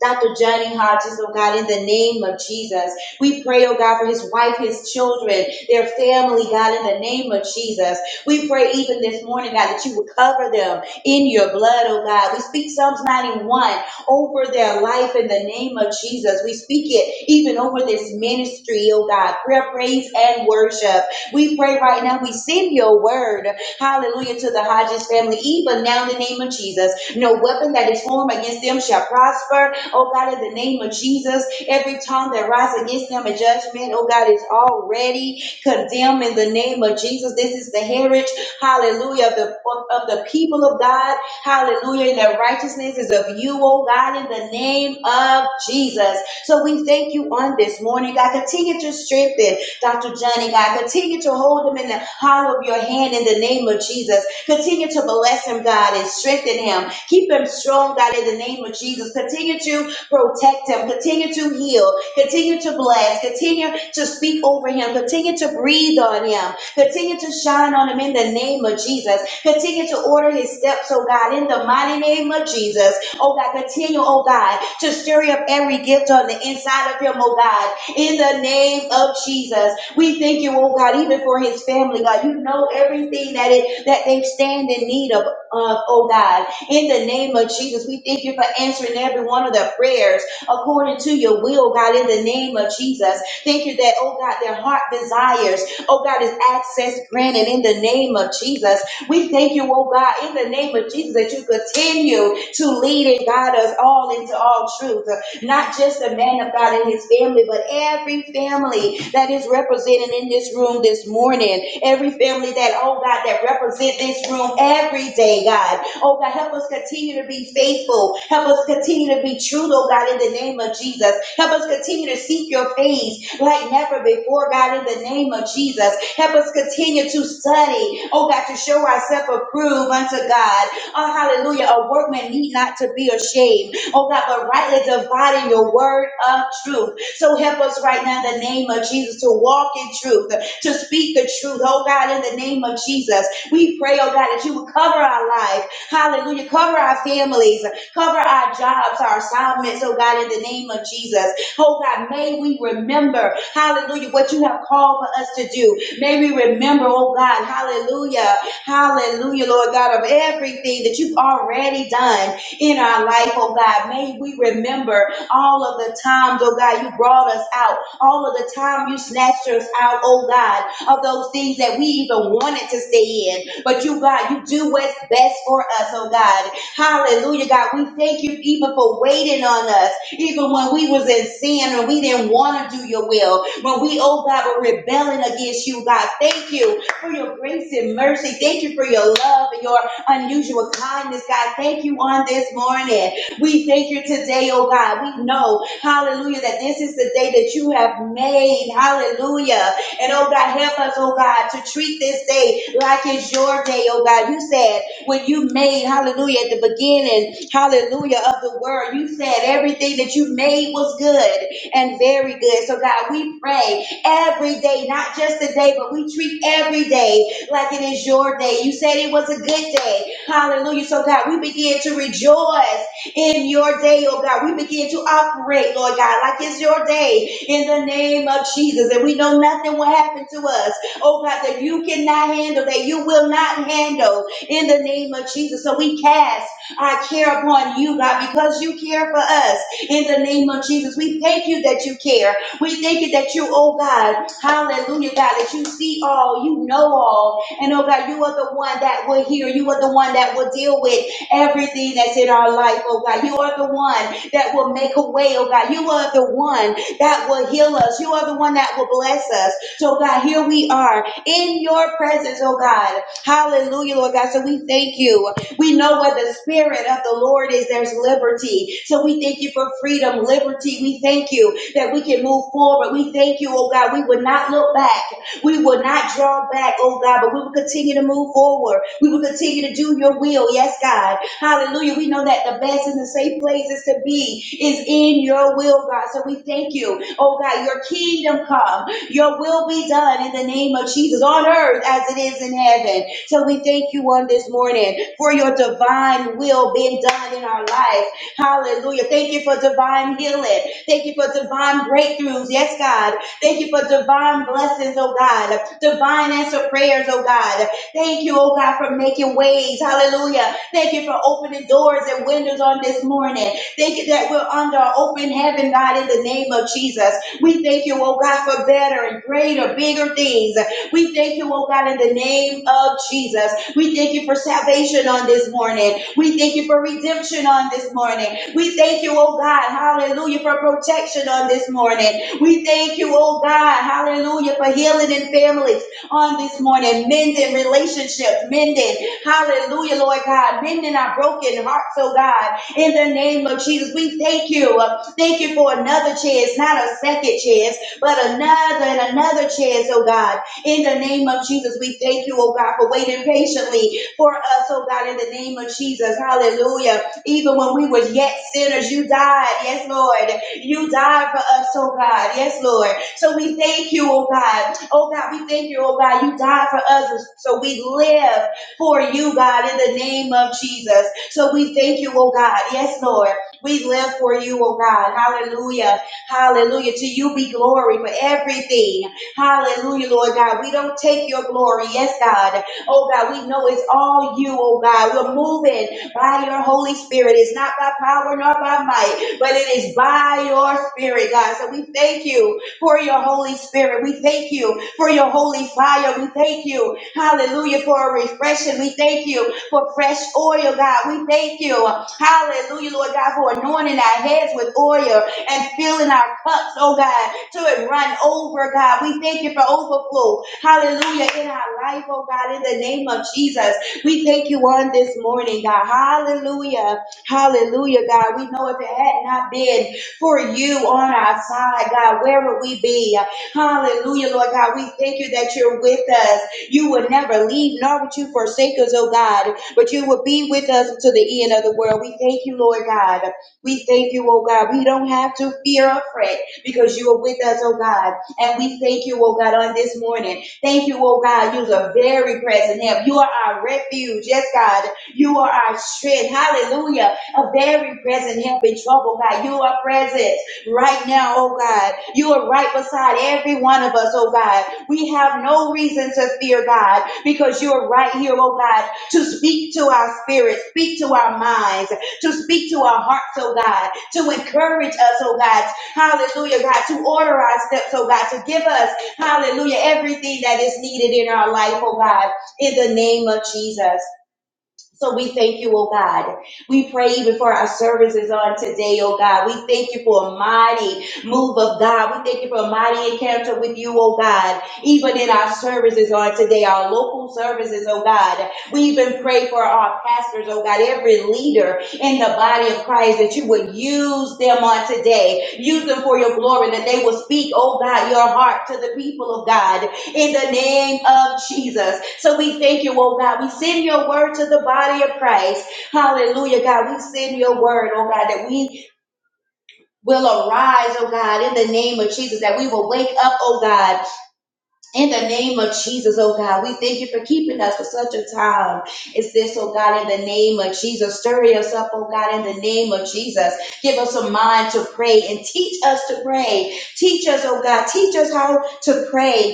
Dr. Johnny Hodges, oh God, in the name of Jesus. We pray, oh God, for his wife, his children, their family, God, in the name of Jesus. We pray even this morning, God, that you would cover them in your blood, oh God. We speak Psalms 91 over their life in the name of Jesus. We speak it even over this ministry, oh God, prayer, praise, and worship. We pray right now, we send your word Hallelujah to the Hodges family. Even now, in the name of Jesus, no weapon that is formed against them shall prosper. Oh God, in the name of Jesus, every tongue that rises against them in judgment, oh God, is already condemned in the name of Jesus. This is the heritage, hallelujah, of the, of of the people of God. Hallelujah. And the righteousness is of you, oh God, in the name of Jesus. So we thank you on this morning. God, continue to strengthen. Dr. Johnny, God. Continue to hold him in the hollow of your hand in the name of Jesus. Continue to bless him, God, and strengthen him. Keep him strong, God, in the name of Jesus. Continue to protect him. Continue to heal. Continue to bless. Continue to speak over him. Continue to breathe on him. Continue to shine on him in the name of Jesus. Continue to order his steps, oh God, in the mighty name of Jesus. Oh God, continue, oh God, to stir up every gift on the inside of him, oh God in the name of Jesus. We thank you, oh God, even for his family, God. You know everything that it that they stand in need of, of, oh God. In the name of Jesus, we thank you for answering every one of their prayers according to your will, God, in the name of Jesus. Thank you that, oh God, their heart desires, oh God, is access granted in the name of Jesus. We thank you, oh God, in the name of Jesus, that you continue to lead and guide us all into all truth not just the man of God and his family, but every family that is represented in this room this morning. Every family that, oh God, that represent this room every day, God. Oh God, help us continue to be faithful. Help us continue to be true, oh God, in the name of Jesus. Help us continue to seek your face like never before, God, in the name of Jesus. Help us continue to study, oh God, to show ourselves approved unto God. Oh, hallelujah. A workman need not to be ashamed oh God, but rightly dividing your word of truth. So help us right now in the name of Jesus to walk in truth, to speak the truth, oh God, in the name of Jesus. We pray, oh God, that you would cover our life. Hallelujah. Cover our families, cover our jobs, our assignments, oh God, in the name of Jesus. Oh God, may we remember, hallelujah, what you have called for us to do. May we remember, oh God, hallelujah, hallelujah, Lord God, of everything that you've already done in our life, oh God. May we remember all of the times, oh God, you brought us out, all of the time you snatched us out, oh God, of those things that we even wanted to stay in. But you, God, you do what's best for us, oh God. Hallelujah, God. We thank you even for waiting on us, even when we was in sin and we didn't want to do your will. When we, oh God, were rebelling against you, God. Thank you for your grace and mercy. Thank you for your love and your unusual kindness, God. Thank you on this morning. We thank you today, oh God. We know, hallelujah, that this is the day that you have made. Hallelujah. And oh God, help us, oh God, to treat this day like it's your day, oh God. You said when you made, hallelujah, at the beginning, hallelujah, of the world, you said everything that you made was good and very good. So God, we pray treat every day, not just a day, but we treat every day like it is your day. You said it was a good day. Hallelujah. So, God, we begin to rejoice in your day, oh God. We begin to operate, Lord God, like it's your day in the name of Jesus. And we know nothing will happen to us, oh God, that you cannot handle, that you will not handle in the name of Jesus. So we cast our care upon you, God, because you care for us in the name of Jesus. We thank you that you care. We thank you that you, oh God, hallelujah, God, that you see all, you know all. And oh God, you are the one that will hear. You are the one that will deal with everything that's in our life, oh God. You are the one that will make a way, oh God. You are the one that will heal us. You are the one that will bless us. So, God, here we are in your presence, oh God. Hallelujah, Lord God. So we thank you. We know where the Spirit of the Lord is, there's liberty. So we thank you for freedom, liberty. We thank you that we can move forward. We thank you, oh God. We would not look back. We will not draw back, oh God, but we will continue to move forward. We will continue to do your will. Yes, God. Hallelujah. We know that the best and the safe places to be is in your will, God. So we thank you, oh God, your kingdom come. Your will be done in the name of Jesus on earth as it is in heaven. So we thank you on this morning for your divine will being done in our life. Hallelujah. Thank you for divine healing. Thank you for divine breakthroughs. Yes, God. Thank you for divine blessings, oh God. Divine answer prayers, oh God. Thank you, oh God, for making ways. Hallelujah. Thank you for opening doors and windows on this morning. Thank you that we're under an open heaven, God, in the name of Jesus. We thank you, oh God, for better and greater, bigger things. We thank you, oh God, in the name of Jesus. We thank you for salvation on this morning. We thank you for redemption on this morning. We thank you, oh God, hallelujah, for protection on this morning. We thank you, oh God, hallelujah, for healing in families on this morning, mending relationships, mending, hallelujah, Lord God, mending our broken hearts, oh God, in the name of Jesus. We thank you. Thank you for another chance, not a second chance, but another and another chance, oh God. In the name of Jesus, we thank you, oh God, for waiting patiently for us, oh God, in the name of Jesus. Hallelujah. Even when we were yet sinners, you died. Yes, Lord. You died for us, oh God. Yes, Lord. So we thank you, oh God. Oh God, we thank you, oh God. You died for us, so we live for you, God, in the name of Jesus. So we thank you, oh God. Yes, Lord. We live for you, oh God. Hallelujah. Hallelujah. To you be glory for everything. Hallelujah, Lord God. We don't take your glory. Yes, God. Oh God, we know it's all you, oh God. We're moving by your Holy Spirit. It's not by power nor by might, but it is by your spirit, God. So we thank you for your Holy Spirit. We thank you for your holy fire. We thank you Hallelujah for a refreshing. We thank you for fresh oil, God. We thank you. Hallelujah, Lord God, for anointing our heads with oil and filling our cups, oh God, to it run over, God. We thank you for overflow. Hallelujah in our life, oh God, in the name of Jesus. We thank you on this morning, God. Hallelujah. Hallelujah, God. We know if it had not been for you on our side, God, where would we be? Hallelujah, Lord God. We thank you that you're with us. You would never leave, nor would you forsake us, oh God, but you would be with us until the end of the world. We thank you, Lord God. We thank you, oh God. We don't have to fear or fret because you are with us, oh God. And we thank you, oh God, on this morning. Thank you, oh God. You're a very present help. You are our refuge. Yes, God. You are our strength. Hallelujah. A very present help in trouble, God. You are present right now, oh God. You are right beside every one of us, oh God. We have no reason to fear, God, because you are right here, oh God, to speak to our spirits, speak to our minds, to speak to our hearts, oh God, to encourage us, oh God. Hallelujah, God, to order our steps, oh God, to give us, hallelujah, everything that is needed in our life, oh God, in the name of Jesus. So we thank you, oh God. We pray even for our services on today, oh God. We thank you for a mighty move of God. We thank you for a mighty encounter with you, oh God. Even in our services on today, our local services, oh God. We even pray for our pastors, oh God, every leader in the body of Christ that you would use them on today. Use them for your glory, that they will speak, oh God, your heart to the people of God in the name of Jesus. So we thank you, oh God. We send your word to the body of Christ. Hallelujah, God. We send your word, oh God, that we will arise, oh God, in the name of Jesus, that we will wake up, oh God, in the name of Jesus, oh God. We thank you for keeping us for such a time as this, oh God, in the name of Jesus. Stir us up, oh God, in the name of Jesus. Give us a mind to pray and teach us to pray. Teach us, oh God, teach us how to pray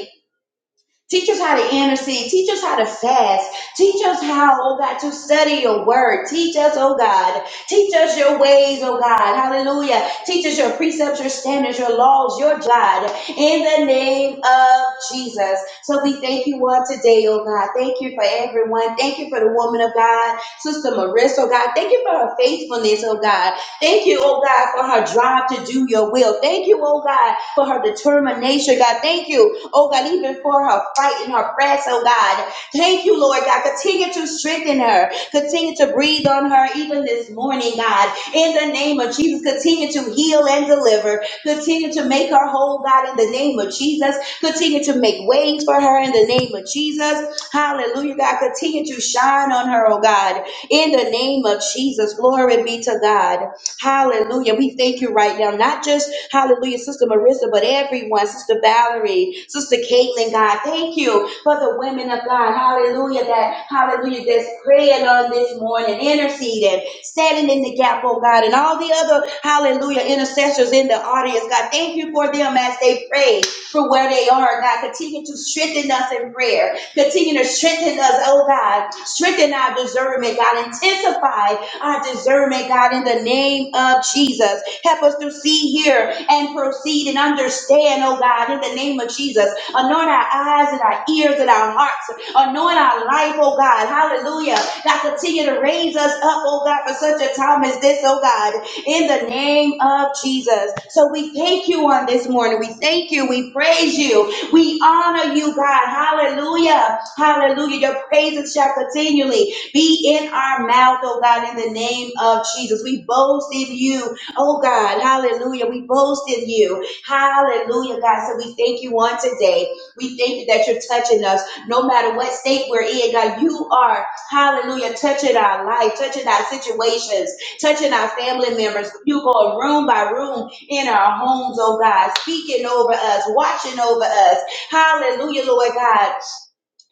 Teach us how to intercede. Teach us how to fast. Teach us how, oh God, to study your word. Teach us, oh God. Teach us your ways, oh God. Hallelujah. Teach us your precepts, your standards, your laws, your God. In the name of Jesus. So we thank you all today, oh God. Thank you for everyone. Thank you for the woman of God, Sister Marissa, oh God. Thank you for her faithfulness, oh God. Thank you, oh God, for her drive to do your will. Thank you, oh God, for her determination, God. Thank you oh God, even for her fight and her prayers, oh God. Thank you, Lord God. Continue to strengthen her. Continue to breathe on her even this morning, God. In the name of Jesus, continue to heal and deliver. Continue to make her whole, God, in the name of Jesus. Continue to make ways for her in the name of Jesus. Hallelujah, God. Continue to shine on her, oh God. In the name of Jesus, glory be to God. Hallelujah. We thank you right now, not just, hallelujah, Sister Marissa, but everyone, Sister Valerie, Sister Caitlin, God. Thank you for the women of God. Hallelujah. That, hallelujah, that's praying on this morning, interceding, standing in the gap, oh God, and all the other, hallelujah, intercessors in the audience. God, thank you for them as they pray for where they are. God, continue to strengthen us in prayer. Continue to strengthen us, oh God. Strengthen our discernment, God. Intensify our discernment, God, in the name of Jesus. Help us to see, hear, and proceed and understand, oh God, in the name of Jesus. Anoint our eyes and our ears and our hearts. Anoint our life, oh God. Hallelujah. God, continue to raise us up, oh God, for such a time as this, oh God, in the name of Jesus. So we thank you on this morning. We thank you. We praise you. We honor you, God. Hallelujah. Hallelujah. Your praises shall continually be in our mouth, oh God, in the name of Jesus. We boast in you, oh God, hallelujah. We boast in you, hallelujah, God. So we thank you on today. We thank you that you're touching us no matter what state we're in, God. You are, hallelujah, touching our life, touching our situations, touching our family members. You go room by room in our homes, oh God, speaking over us, watching over us. Hallelujah, Lord God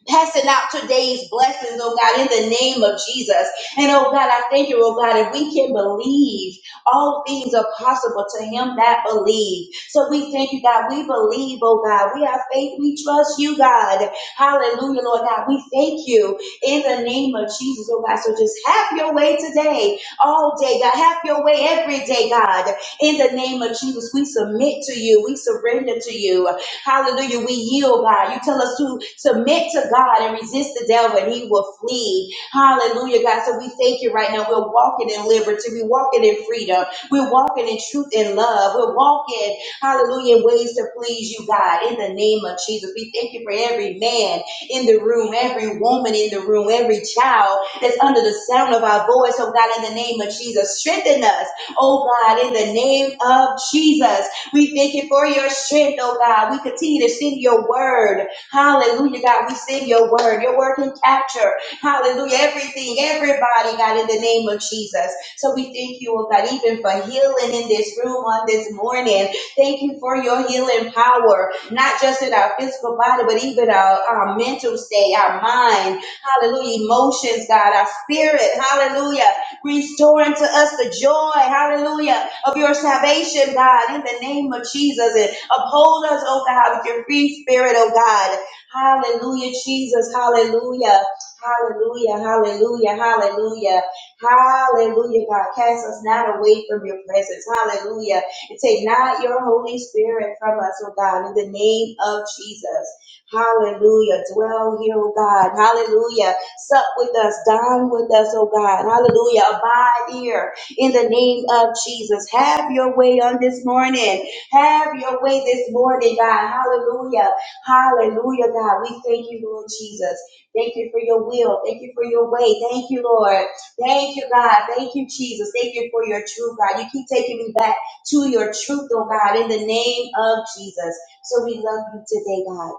passing out today's blessings, oh God, in the name of Jesus. And oh God, I thank you, oh God, if we can believe, all things are possible to him that believe. So we thank you, God. We believe, oh God. We have faith. We trust you, God. Hallelujah, Lord God. We thank you in the name of Jesus, oh God. So just have your way today, all day, God. Have your way every day, God. In the name of Jesus, we submit to you. We surrender to you. Hallelujah. We yield, God. You tell us to submit to God and resist the devil, and he will flee. Hallelujah, God. So we thank you right now. We're walking in liberty. We're walking in freedom. We're walking in truth and love. We're walking, hallelujah, in ways to please you, God. In the name of Jesus, we thank you for every man in the room, every woman in the room, every child that's under the sound of our voice. Oh, God, in the name of Jesus, strengthen us. Oh, God, in the name of Jesus. We thank you for your strength, oh God. We continue to sing your word. Hallelujah, God. We sing your word. Your word can capture, hallelujah, everything, everybody, God, in the name of Jesus. So we thank you, oh God, even for healing in this room on this morning. Thank you for your healing power, not just in our physical body, but even our, our mental state, our mind, hallelujah, emotions, God, our spirit, hallelujah. Restore unto us the joy, hallelujah, of your salvation, God, in the name of Jesus. And uphold us, oh God, with your free spirit, oh God. Hallelujah, Jesus, hallelujah. Hallelujah, hallelujah, hallelujah, hallelujah, God. Cast us not away from your presence, hallelujah. And take not your Holy Spirit from us, oh God, in the name of Jesus. Hallelujah. Dwell here, oh God. Hallelujah. Sup with us, dine with us, oh God. Hallelujah. Abide here in the name of Jesus. Have your way on this morning. Have your way this morning, God. Hallelujah. Hallelujah, God. We thank you, Lord Jesus. Thank you for your will. Thank you for your way. Thank you, Lord. Thank you, God. Thank you, Jesus. Thank you for your truth, God. You keep taking me back to your truth, oh God, in the name of Jesus. So we love you today, God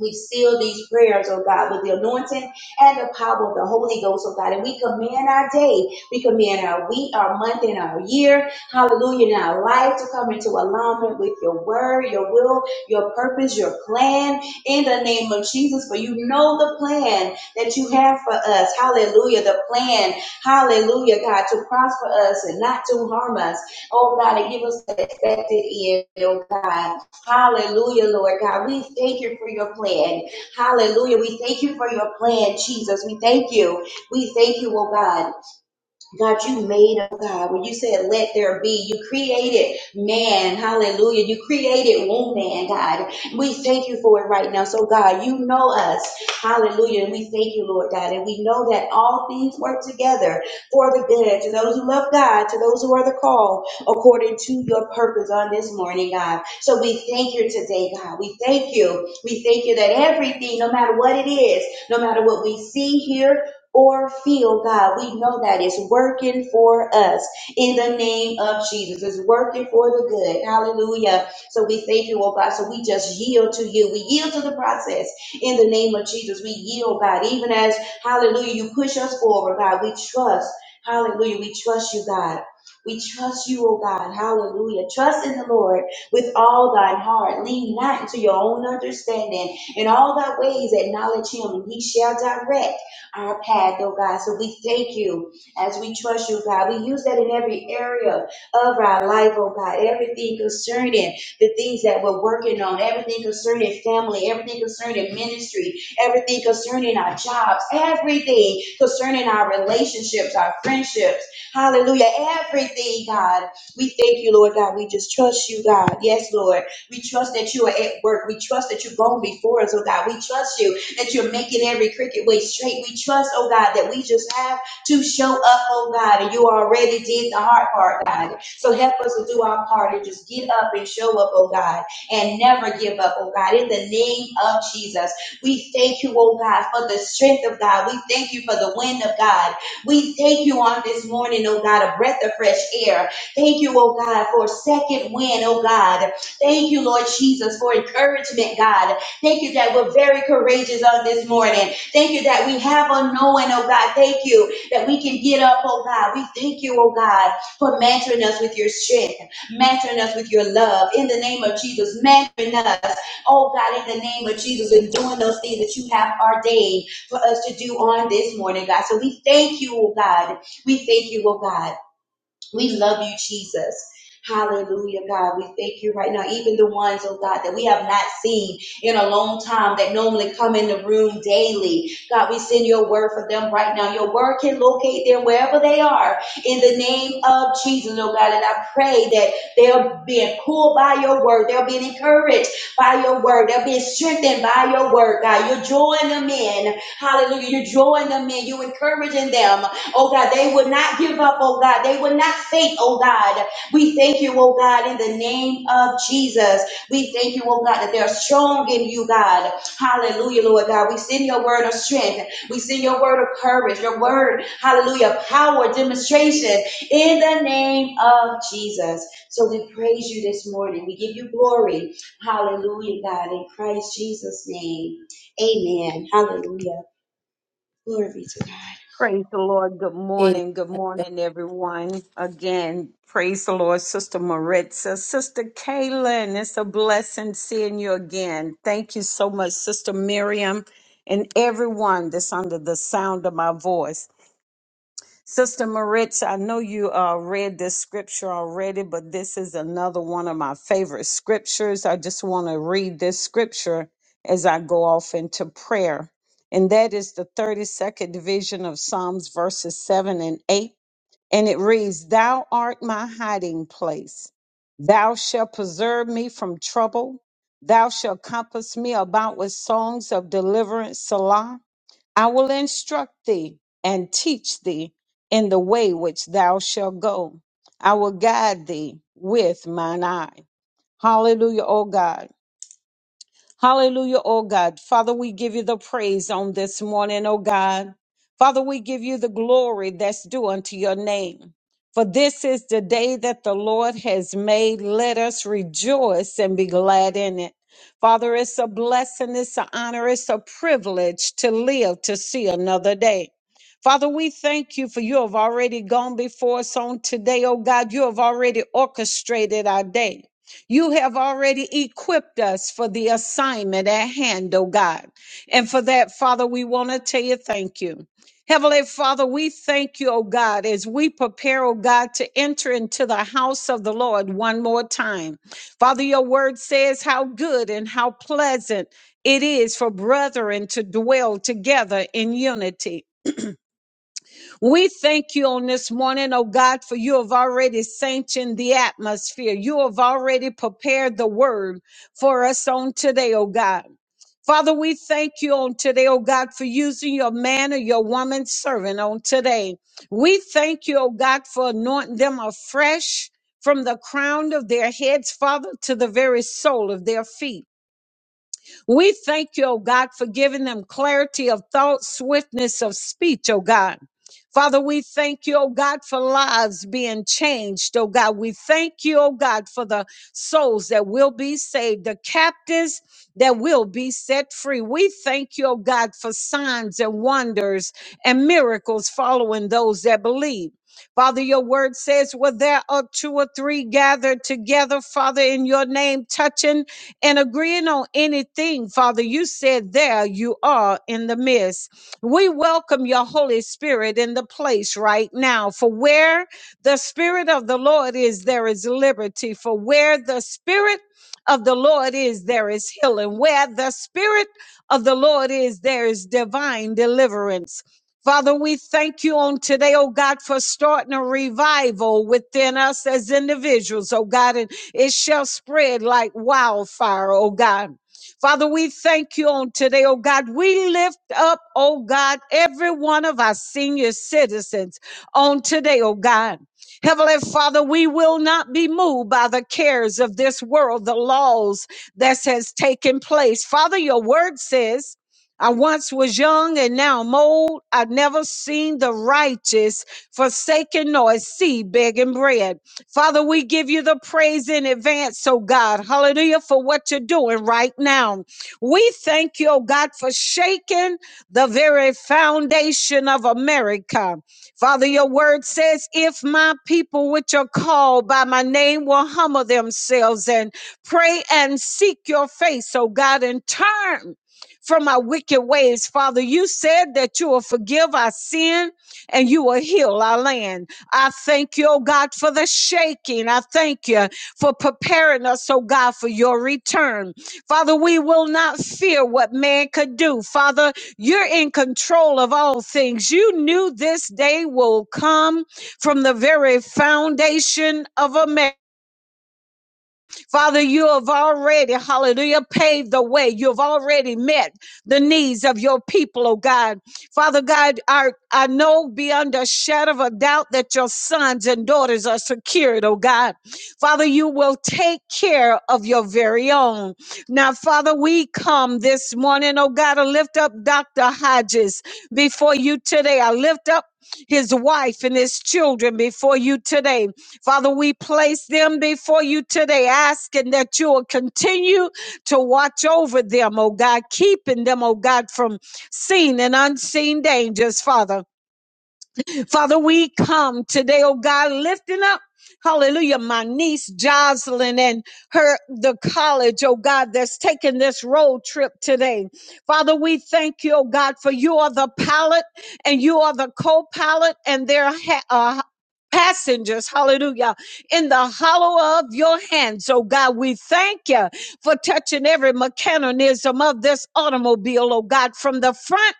we seal these prayers, oh God, with the anointing and the power of the Holy Ghost, oh God. And we command our day, we command our week, our month, and our year, hallelujah, and our life to come into alignment with your word, your will, your purpose, your plan in the name of Jesus. For you know the plan that you have for us, hallelujah, the plan, hallelujah, God, to prosper us and not to harm us, oh God, and give us the expected end, oh God. Hallelujah, Lord God. We thank you for your plan. Hallelujah. We thank you for your plan, Jesus. We thank you. We thank you, oh God. God, you made them, God. When you said, let there be, you created man. Hallelujah. You created woman, God. We thank you for it right now. So, God, you know us. Hallelujah. And we thank you, Lord God. And we know that all things work together for the good to those who love God, to those who are the called according to your purpose on this morning, God. So we thank you today, God. We thank you. We thank you that everything, no matter what it is, no matter what we see here, or feel, God, we know that it's working for us in the name of Jesus. It's working for the good. Hallelujah. So we thank you, oh God. So we just yield to you. We yield to the process in the name of Jesus. We yield, God, even as, hallelujah, you push us forward, God. We trust, hallelujah, we trust you, God. We trust you, oh God. Hallelujah. Trust in the Lord with all thine heart. Lean not into your own understanding. In all thy ways, acknowledge him, and he shall direct our path, oh God. So we thank you as we trust you, God. We use that in every area of our life, oh God. Everything concerning the things that we're working on, everything concerning family, everything concerning ministry, everything concerning our jobs, everything concerning our relationships, our friendships. Hallelujah. Everything, God. We thank you, Lord God. We just trust you, God. Yes, Lord. We trust that you are at work. We trust that you're going before us, oh God. We trust you that you're making every cricket way straight. We trust, oh God, that we just have to show up, oh God, and you already did the hard part, God. So help us to do our part and just get up and show up, oh God, and never give up, oh God. In the name of Jesus, we thank you, oh God, for the strength of God. We thank you for the wind of God. We thank you on this morning, oh God, a breath of fresh air. Thank you, oh God, for a second wind, oh God. Thank you, Lord Jesus, for encouragement, God. Thank you that we're very courageous on this morning. Thank you that we have a knowing, oh God. Thank you that we can get up, oh God. We thank you, oh God, for mantling us with your strength, mantling us with your love. In the name of Jesus, mantling us, oh God, in the name of Jesus, and doing those things that you have ordained for us to do on this morning, God. So we thank you, oh God. We thank you, oh God. We love you, Jesus. Hallelujah, God. We thank you right now. Even the ones, oh God, that we have not seen in a long time that normally come in the room daily. God, we send your word for them right now. Your word can locate them wherever they are in the name of Jesus, oh God. And I pray that they're being pulled by your word. They're being encouraged by your word. They're being strengthened by your word, God. You're drawing them in. Hallelujah. You're drawing them in. You're encouraging them Oh God, they would not give up, oh God. They would not faint, oh God. We thank you, oh God, in the name of Jesus. We thank you, oh God, that they're strong in you, God. Hallelujah, Lord God. We send your word of strength. We send your word of courage, your word, hallelujah, power, demonstration in the name of Jesus. So we praise you this morning. We give you glory. Hallelujah, God, in Christ Jesus' name. Amen. Hallelujah. Glory be to God. Praise the Lord. Good Amen. morning. Good morning, everyone. Again, praise the Lord, Sister Maritza, Sister Kaylin. It's a blessing seeing you again. Thank you so much, Sister Miriam, and everyone that's under the sound of my voice. Sister Maritz, I know you uh, read this scripture already, but this is another one of my favorite scriptures. I just want to read this scripture as I go off into prayer. And that is the 32nd division of Psalms, verses 7 and 8. And it reads, Thou art my hiding place. Thou shalt preserve me from trouble. Thou shalt compass me about with songs of deliverance. Salah. I will instruct thee and teach thee in the way which thou shalt go. I will guide thee with mine eye. Hallelujah, O God. Hallelujah, oh God. Father, we give you the praise on this morning, oh God. Father, we give you the glory that's due unto your name. For this is the day that the Lord has made. Let us rejoice and be glad in it. Father, it's a blessing, it's an honor, it's a privilege to live to see another day. Father, we thank you for you have already gone before us on today, oh God. You have already orchestrated our day. You have already equipped us for the assignment at hand, oh God. And for that, Father, we want to tell you thank you. Heavenly Father, we thank you, oh God, as we prepare, oh God, to enter into the house of the Lord one more time. Father, your word says how good and how pleasant it is for brethren to dwell together in unity. We thank you on this morning, oh God, for you have already sanctioned the atmosphere. You have already prepared the word for us on today, oh God. Father, we thank you on today, oh God, for using your man or your woman servant on today. We thank you, oh God, for anointing them afresh from the crown of their heads, Father, to the very sole of their feet. We thank you, oh God, for giving them clarity of thought, swiftness of speech, oh God. Father, we thank you, oh God, for lives being changed, oh God. We thank you, oh God, for the souls that will be saved, the captives that will be set free. We thank you, oh God, for signs and wonders and miracles following those that believe. Father, your word says, Well, there are two or three gathered together, Father, in your name, touching and agreeing on anything, Father, you said there you are in the midst. We welcome your Holy Spirit in the place right now. For where the Spirit of the Lord is, there is liberty. For where the Spirit of the Lord is, there is healing. Where the Spirit of the Lord is, there is divine deliverance. Father, we thank you on today, oh God, for starting a revival within us as individuals, oh God. and it shall spread like wildfire, oh God. Father, we thank you on today, oh God. We lift up, oh God, every one of our senior citizens on today, oh God. Heavenly Father, we will not be moved by the cares of this world, the laws that has taken place. Father, your word says, I once was young and now I'm old. I've never seen the righteous forsaken nor see begging bread. Father, we give you the praise in advance, oh God. Hallelujah for what you're doing right now. We thank you, oh God, for shaking the very foundation of America. Father, your word says, if my people which are called by my name will humble themselves and pray and seek your face, oh God, and turn from my wicked ways, Father, you said that you will forgive our sin and you will heal our land. I thank you, oh God, for the shaking. I thank you for preparing us, oh God, for your return. Father, we will not fear what man could do. Father, you're in control of all things. You knew this day will come from the very foundation of America. Father, you have already, hallelujah, paved the way. You've already met the needs of your people, oh God. Father God, I, I know beyond a shadow of a doubt that your sons and daughters are secured, oh God. Father, you will take care of your very own. Now, Father, we come this morning, oh God, to lift up Dr. Hodges before you today. I lift up his wife and his children before you today. Father, we place them before you today, asking that you will continue to watch over them, oh God, keeping them, oh God, from seen and unseen dangers, Father. Father, we come today, oh God, lifting up. Hallelujah. My niece Jocelyn and her, the college, oh God, that's taking this road trip today. Father, we thank you, oh God, for you are the pilot and you are the co-pilot and their ha- uh, passengers, hallelujah, in the hollow of your hands. Oh God, we thank you for touching every mechanism of this automobile, oh God, from the front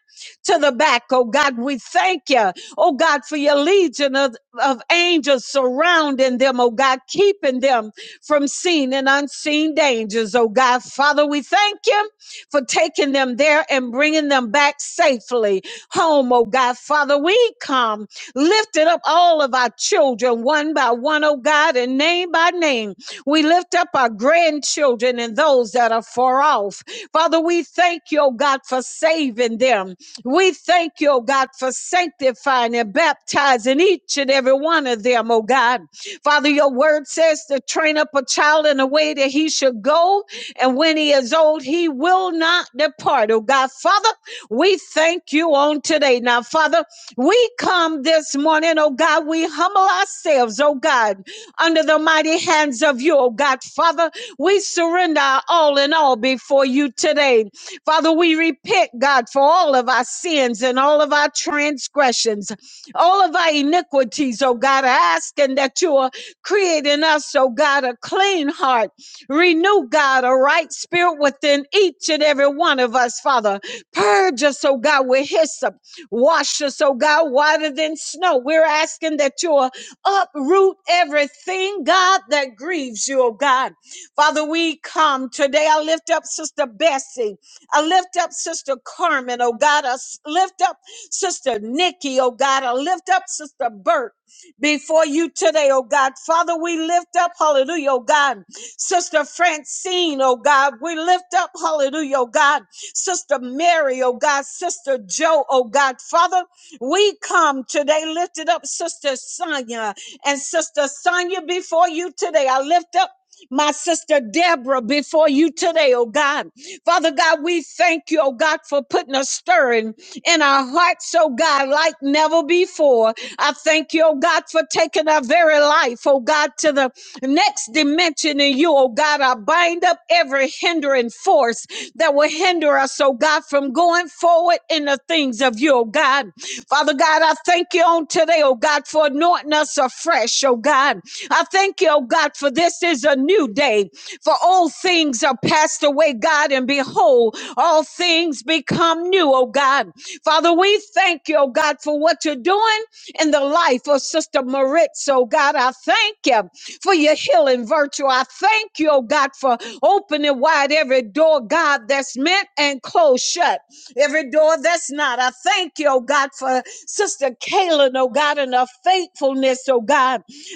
to the back. Oh God, we thank you oh God, for your legion of, of angels surrounding them, oh God, keeping them from seen and unseen dangers, oh God. Father, we thank you for taking them there and bringing them back safely home, oh God. Father, we come lifting up all of our children one by one, oh God, and name by name. We lift up our grandchildren and those that are far off. Father, we thank you, oh God, for saving them. We thank you, oh God, for sanctifying and baptizing each and every one of them, oh God. Father, your word says to train up a child in the way that he should go, and when he is old, he will not depart, oh God. Father, we thank you on today. Now, Father, we come this morning, oh God, we humble ourselves, oh God, under the mighty hands of you, oh God. Father, we surrender our all in all before you today. Father, we repent, God, for all of our sins and all of our transgressions, all of our iniquities, oh God, asking that you are creating us, oh God, a clean heart. Renew, God, a right spirit within each and every one of us, Father. Purge us, oh God, with hyssop. Wash us, oh God, whiter than snow. We're asking that you will uproot everything, God, that grieves you, oh God. Father, we come today. I lift up Sister Bessie. I lift up Sister Carmen, oh God. I s- lift up Sister Nikki, oh God. I lift up Sister Burt before you today, oh God. Father, we lift up, hallelujah, oh God. Sister Francine, oh God. We lift up, hallelujah, oh God. Sister Mary, oh God. Sister Joe, oh God. Father, we come today lifted up Sister Sonia and Sister Sonia before you today. I lift up my sister Deborah before you today, oh God. Father God, we thank you, oh God, for putting a stirring in our hearts, oh God, like never before. I thank you, oh God, for taking our very life, oh God, to the next dimension in you, oh God. I bind up every hindering force that will hinder us, oh God, from going forward in the things of you, oh God. Father God, I thank you on today, oh God, for anointing us afresh, oh God. I thank you, oh God, for this is a new day. For all things are passed away, God, and behold, all things become new, oh God. Father, we thank you, oh God, for what you're doing in the life of Sister Maritz, oh God. I thank you for your healing virtue. I thank you, oh God, for opening wide every door, God, that's meant and closed shut. Every door that's not. I thank you, oh God, for Sister Kaylin, oh God, and her faithfulness, oh God.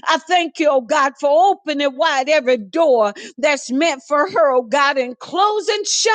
I thank you, oh God, for opening wide every door that's meant for her, oh God, and closing shut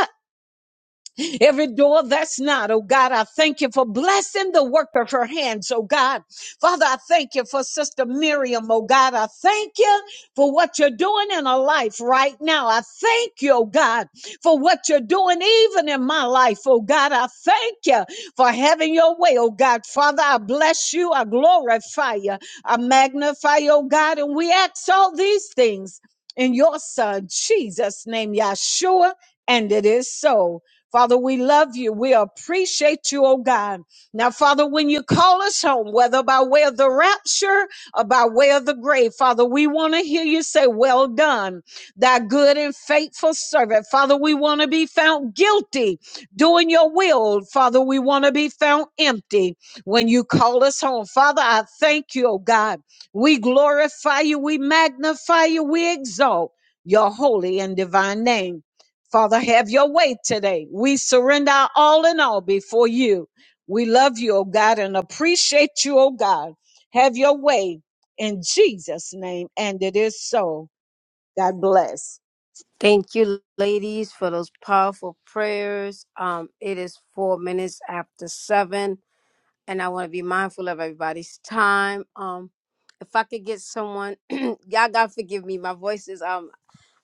Every door that's not, oh God, I thank you for blessing the work of her hands, oh God. Father, I thank you for Sister Miriam, oh God. I thank you for what you're doing in her life right now. I thank you, oh God, for what you're doing even in my life, oh God. I thank you for having your way, oh God. Father, I bless you, I glorify you, I magnify you, oh God, and we ask all these things in your son, Jesus' name, Yahshua, and it is so. Father, we love you. We appreciate you, oh God. Now, Father, when you call us home, whether by way of the rapture or by way of the grave, Father, we want to hear you say, Well done, thy good and faithful servant. Father, we want to be found guilty doing your will. Father, we want to be found empty when you call us home. Father, I thank you, oh God. We glorify you, we magnify you, we exalt your holy and divine name. Father, have your way today. We surrender our all in all before you. We love you, oh God, and appreciate you, oh God. Have your way in Jesus' name. And it is so. God bless. Thank you, ladies, for those powerful prayers. Um, it is four minutes after seven, and I want to be mindful of everybody's time. Um, if I could get someone, [CLEARS THROAT] y'all gotta forgive me. My voice is um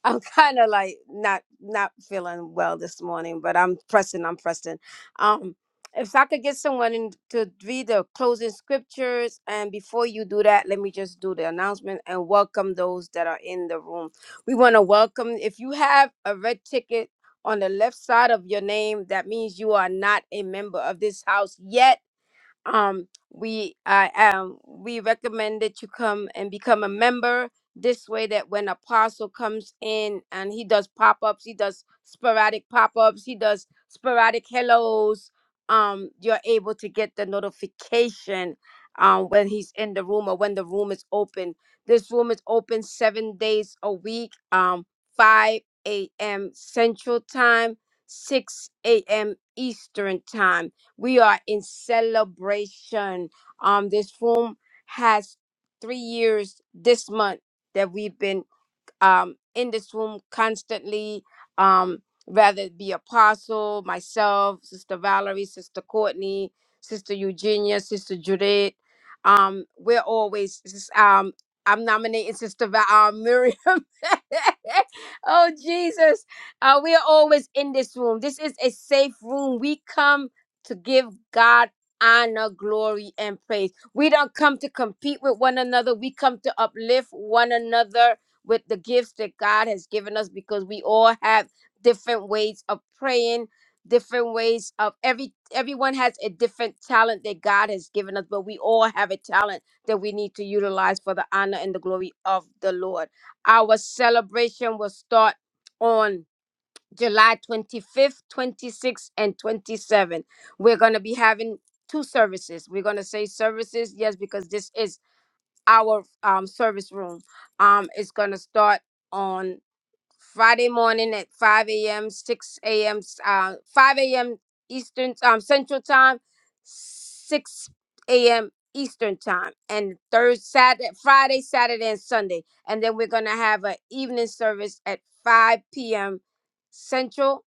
I'm kind of like not not feeling well this morning, but I'm pressing. I'm pressing. Um, if I could get someone in to read the closing scriptures, and before you do that, let me just do the announcement and welcome those that are in the room. We want to welcome. If you have a red ticket on the left side of your name, that means you are not a member of this house yet um we i um we recommend that you come and become a member this way that when apostle comes in and he does pop-ups he does sporadic pop-ups he does sporadic hellos um you're able to get the notification um when he's in the room or when the room is open this room is open seven days a week um 5 a.m central time 6 a.m eastern time we are in celebration. Um, this room has three years this month that we've been um, in this room constantly, um, whether it be Apostle, myself, Sister Valerie, Sister Courtney, Sister Eugenia, Sister Judith. Um, we're always sis- um, I'm nominating Sister Va- uh, Miriam. [LAUGHS] oh Jesus, uh, we are always in this room. This is a safe room. We come to give God honor, glory, and praise. We don't come to compete with one another. We come to uplift one another with the gifts that God has given us because we all have different ways of praying, different ways of every everyone has a different talent that God has given us, but we all have a talent that we need to utilize for the honor and the glory of the Lord. Our celebration will start on July 25th, 26th, and 27th. We're going to be having two services. We're going to say services, yes, because this is our um, service room um, is going to start on Friday morning at 5 a.m., 6 a.m., uh, 5 a.m. Eastern, um, Central Time, 6 a.m. Eastern Time, and third Saturday, Friday, Saturday, and Sunday. And then we're going to have an evening service at 5 p.m. Central,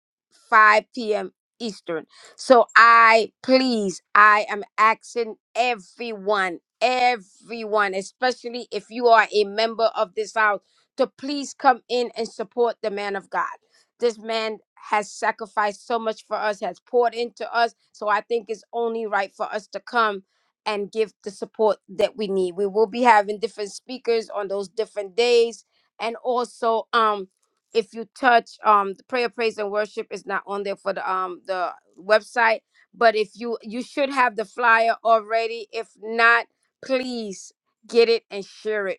5 p.m. Eastern. So I, please, I am asking everyone, everyone, especially if you are a member of this house to please come in and support the man of God. This man has sacrificed so much for us, has poured into us. So I think it's only right for us to come and give the support that we need. We will be having different speakers on those different days. And also, um, if you touch um the prayer, praise, and worship is not on there for the um the website. But if you you should have the flyer already. If not, please get it and share it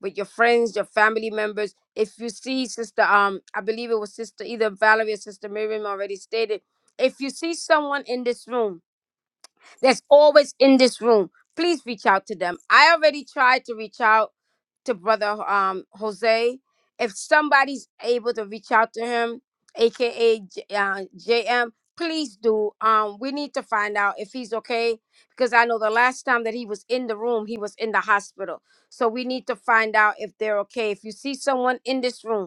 with your friends, your family members. If you see sister, um, I believe it was sister either Valerie or sister Miriam already stated. If you see someone in this room that's always in this room. Please reach out to them. I already tried to reach out to brother um Jose. If somebody's able to reach out to him, aka J- uh, JM, please do. Um, we need to find out if he's okay because I know the last time that he was in the room, he was in the hospital. So we need to find out if they're okay. If you see someone in this room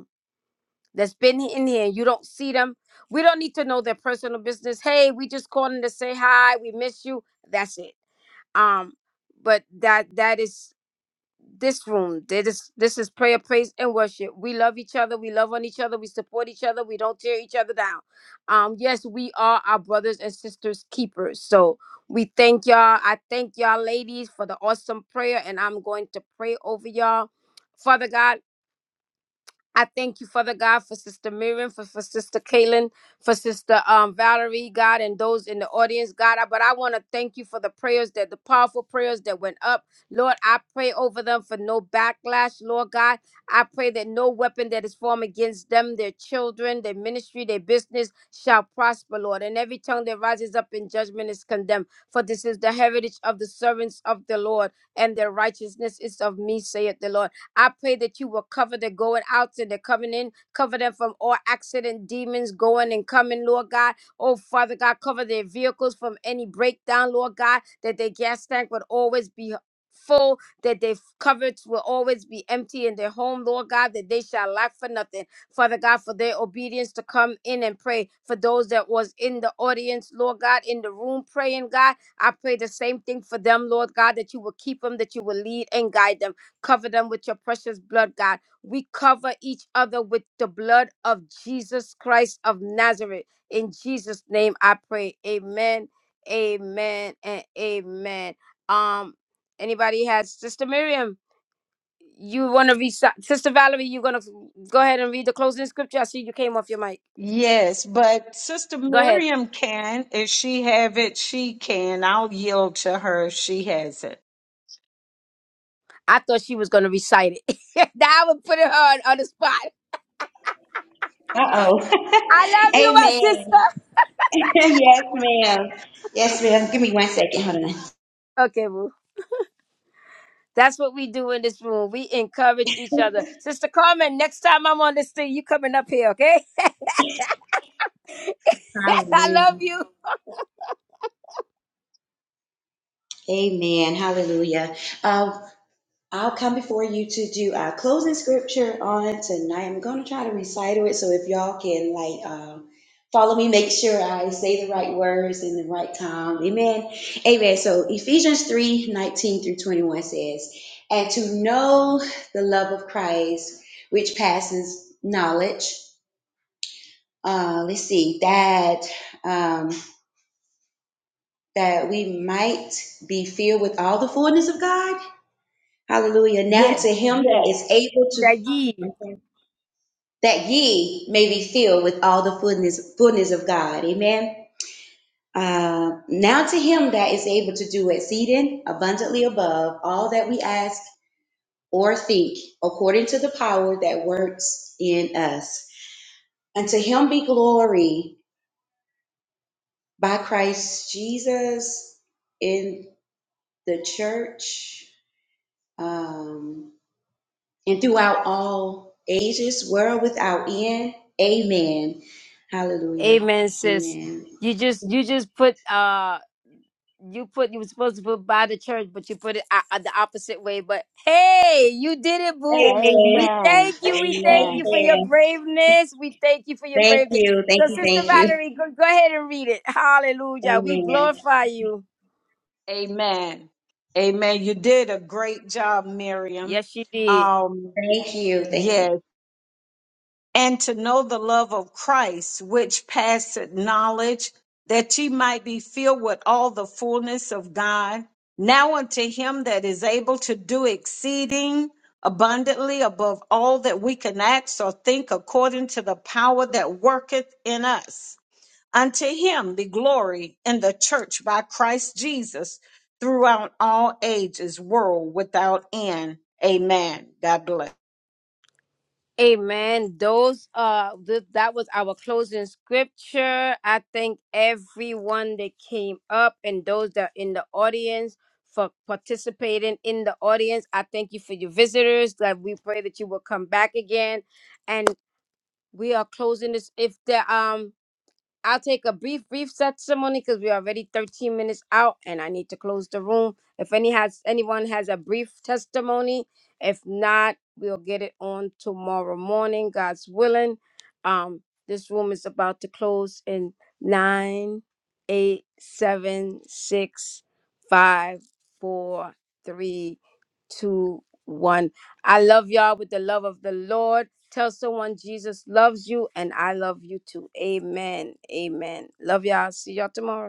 that's been in here and you don't see them. We don't need to know their personal business. Hey, we just calling to say hi. We miss you. That's it. Um, but that that is this room. That is this is prayer, praise, and worship. We love each other. We love on each other. We support each other. We don't tear each other down. Um, yes, we are our brothers and sisters keepers. So we thank y'all. I thank y'all, ladies, for the awesome prayer, and I'm going to pray over y'all. Father God. I thank you, Father God, for Sister Miriam, for, for Sister Kaylin, for Sister um, Valerie, God, and those in the audience, God. I- But I want to thank you for the prayers that the powerful prayers that went up. Lord, I pray over them for no backlash, Lord God. I pray that no weapon that is formed against them, their children, their ministry, their business shall prosper, Lord. And every tongue that rises up in judgment is condemned. For this is the heritage of the servants of the Lord, and their righteousness is of me, saith the Lord. I pray that you will cover the going out and the coming in, cover them from all accident, demons going and coming, Lord God. Oh, Father God, cover their vehicles from any breakdown, Lord God, that their gas tank would always be full, that their coverage will always be empty in their home, Lord God, that they shall lack for nothing. Father God, for their obedience to come in and pray. For those that was in the audience, Lord God, in the room praying, God, I pray the same thing for them, Lord God, that you will keep them, that you will lead and guide them Cover them with your precious blood, God. We cover each other with the blood of Jesus Christ of Nazareth. In Jesus' name I pray. Amen. Amen and amen. Um, anybody has Sister Miriam? You want to read Sister Valerie, you're gonna go ahead and read the closing scripture. I see you came off your mic. Yes, but Sister Go ahead. Miriam can. If she have it, she can. I'll yield to her if she has it. I thought she was gonna recite it. [LAUGHS] Now I would put her on, on the spot. Uh I oh. love [LAUGHS] you, my Amen. sister. [LAUGHS] yes, ma'am. Yes, ma'am. Give me one second. Hold on. Okay, boo. That's what we do in this room. We encourage each other. Sister Carmen, next time I'm on this thing, you coming up here, okay? [LAUGHS] I love Hallelujah. you. Amen. Hallelujah. Um, I'll come before you to do our closing scripture on tonight. I'm going to try to recite it. So if y'all can, like, um, follow me, make sure I say the right words in the right time. Amen. Amen. So Ephesians 3 19 through 21 says, And to know the love of Christ, which passes knowledge uh, let's see, that um, that we might be filled with all the fullness of God. Hallelujah. Now Yes, to him that yes. is able to Dagi. okay, that ye may be filled with all the fullness fullness of God. Amen. Uh, now to him that is able to do exceeding abundantly above all that we ask or think, according to the power that works in us. Unto him be glory by Christ Jesus in. the church, um, and throughout all ages, world without end. Amen. Hallelujah. Amen, sis. Amen. You just you just put uh you put you were supposed to put by the church, but you put it uh, uh, the opposite way. But hey, you did it, boo. Amen. We Amen. thank you. We thank you Amen. for your Amen. braveness. We thank you for your Thank braveness. you. Thank So, you. Sister Thank you. Valerie, go, go ahead and read it. Hallelujah. We Amen. glorify you. Amen. Amen. You did a great job, Miriam. Yes, you did. Um, Thank you. Thank you. yes. and to know the love of Christ, which passeth knowledge, that ye might be filled with all the fullness of God. Now unto him that is able to do exceeding abundantly above all that we can ask or think according to the power that worketh in us. Unto him be glory in the church by Christ Jesus throughout all ages, world without end. Amen. God bless. Amen. Those uh th- that was our closing scripture. I thank everyone that came up and those that are in the audience for participating in the audience. I thank you for your visitors. That we pray that you will come back again. And we are closing this if there um I'll take a brief, brief testimony because we're already 13 minutes out and I need to close the room. If any has anyone has a brief testimony, if not, we'll get it on tomorrow morning, God's willing. Um, this room is about to close in nine, eight, seven, six, five, four, three, two, one. I love y'all with the love of the Lord. Tell someone Jesus loves you and I love you too. Amen. Amen. Love y'all. See y'all tomorrow.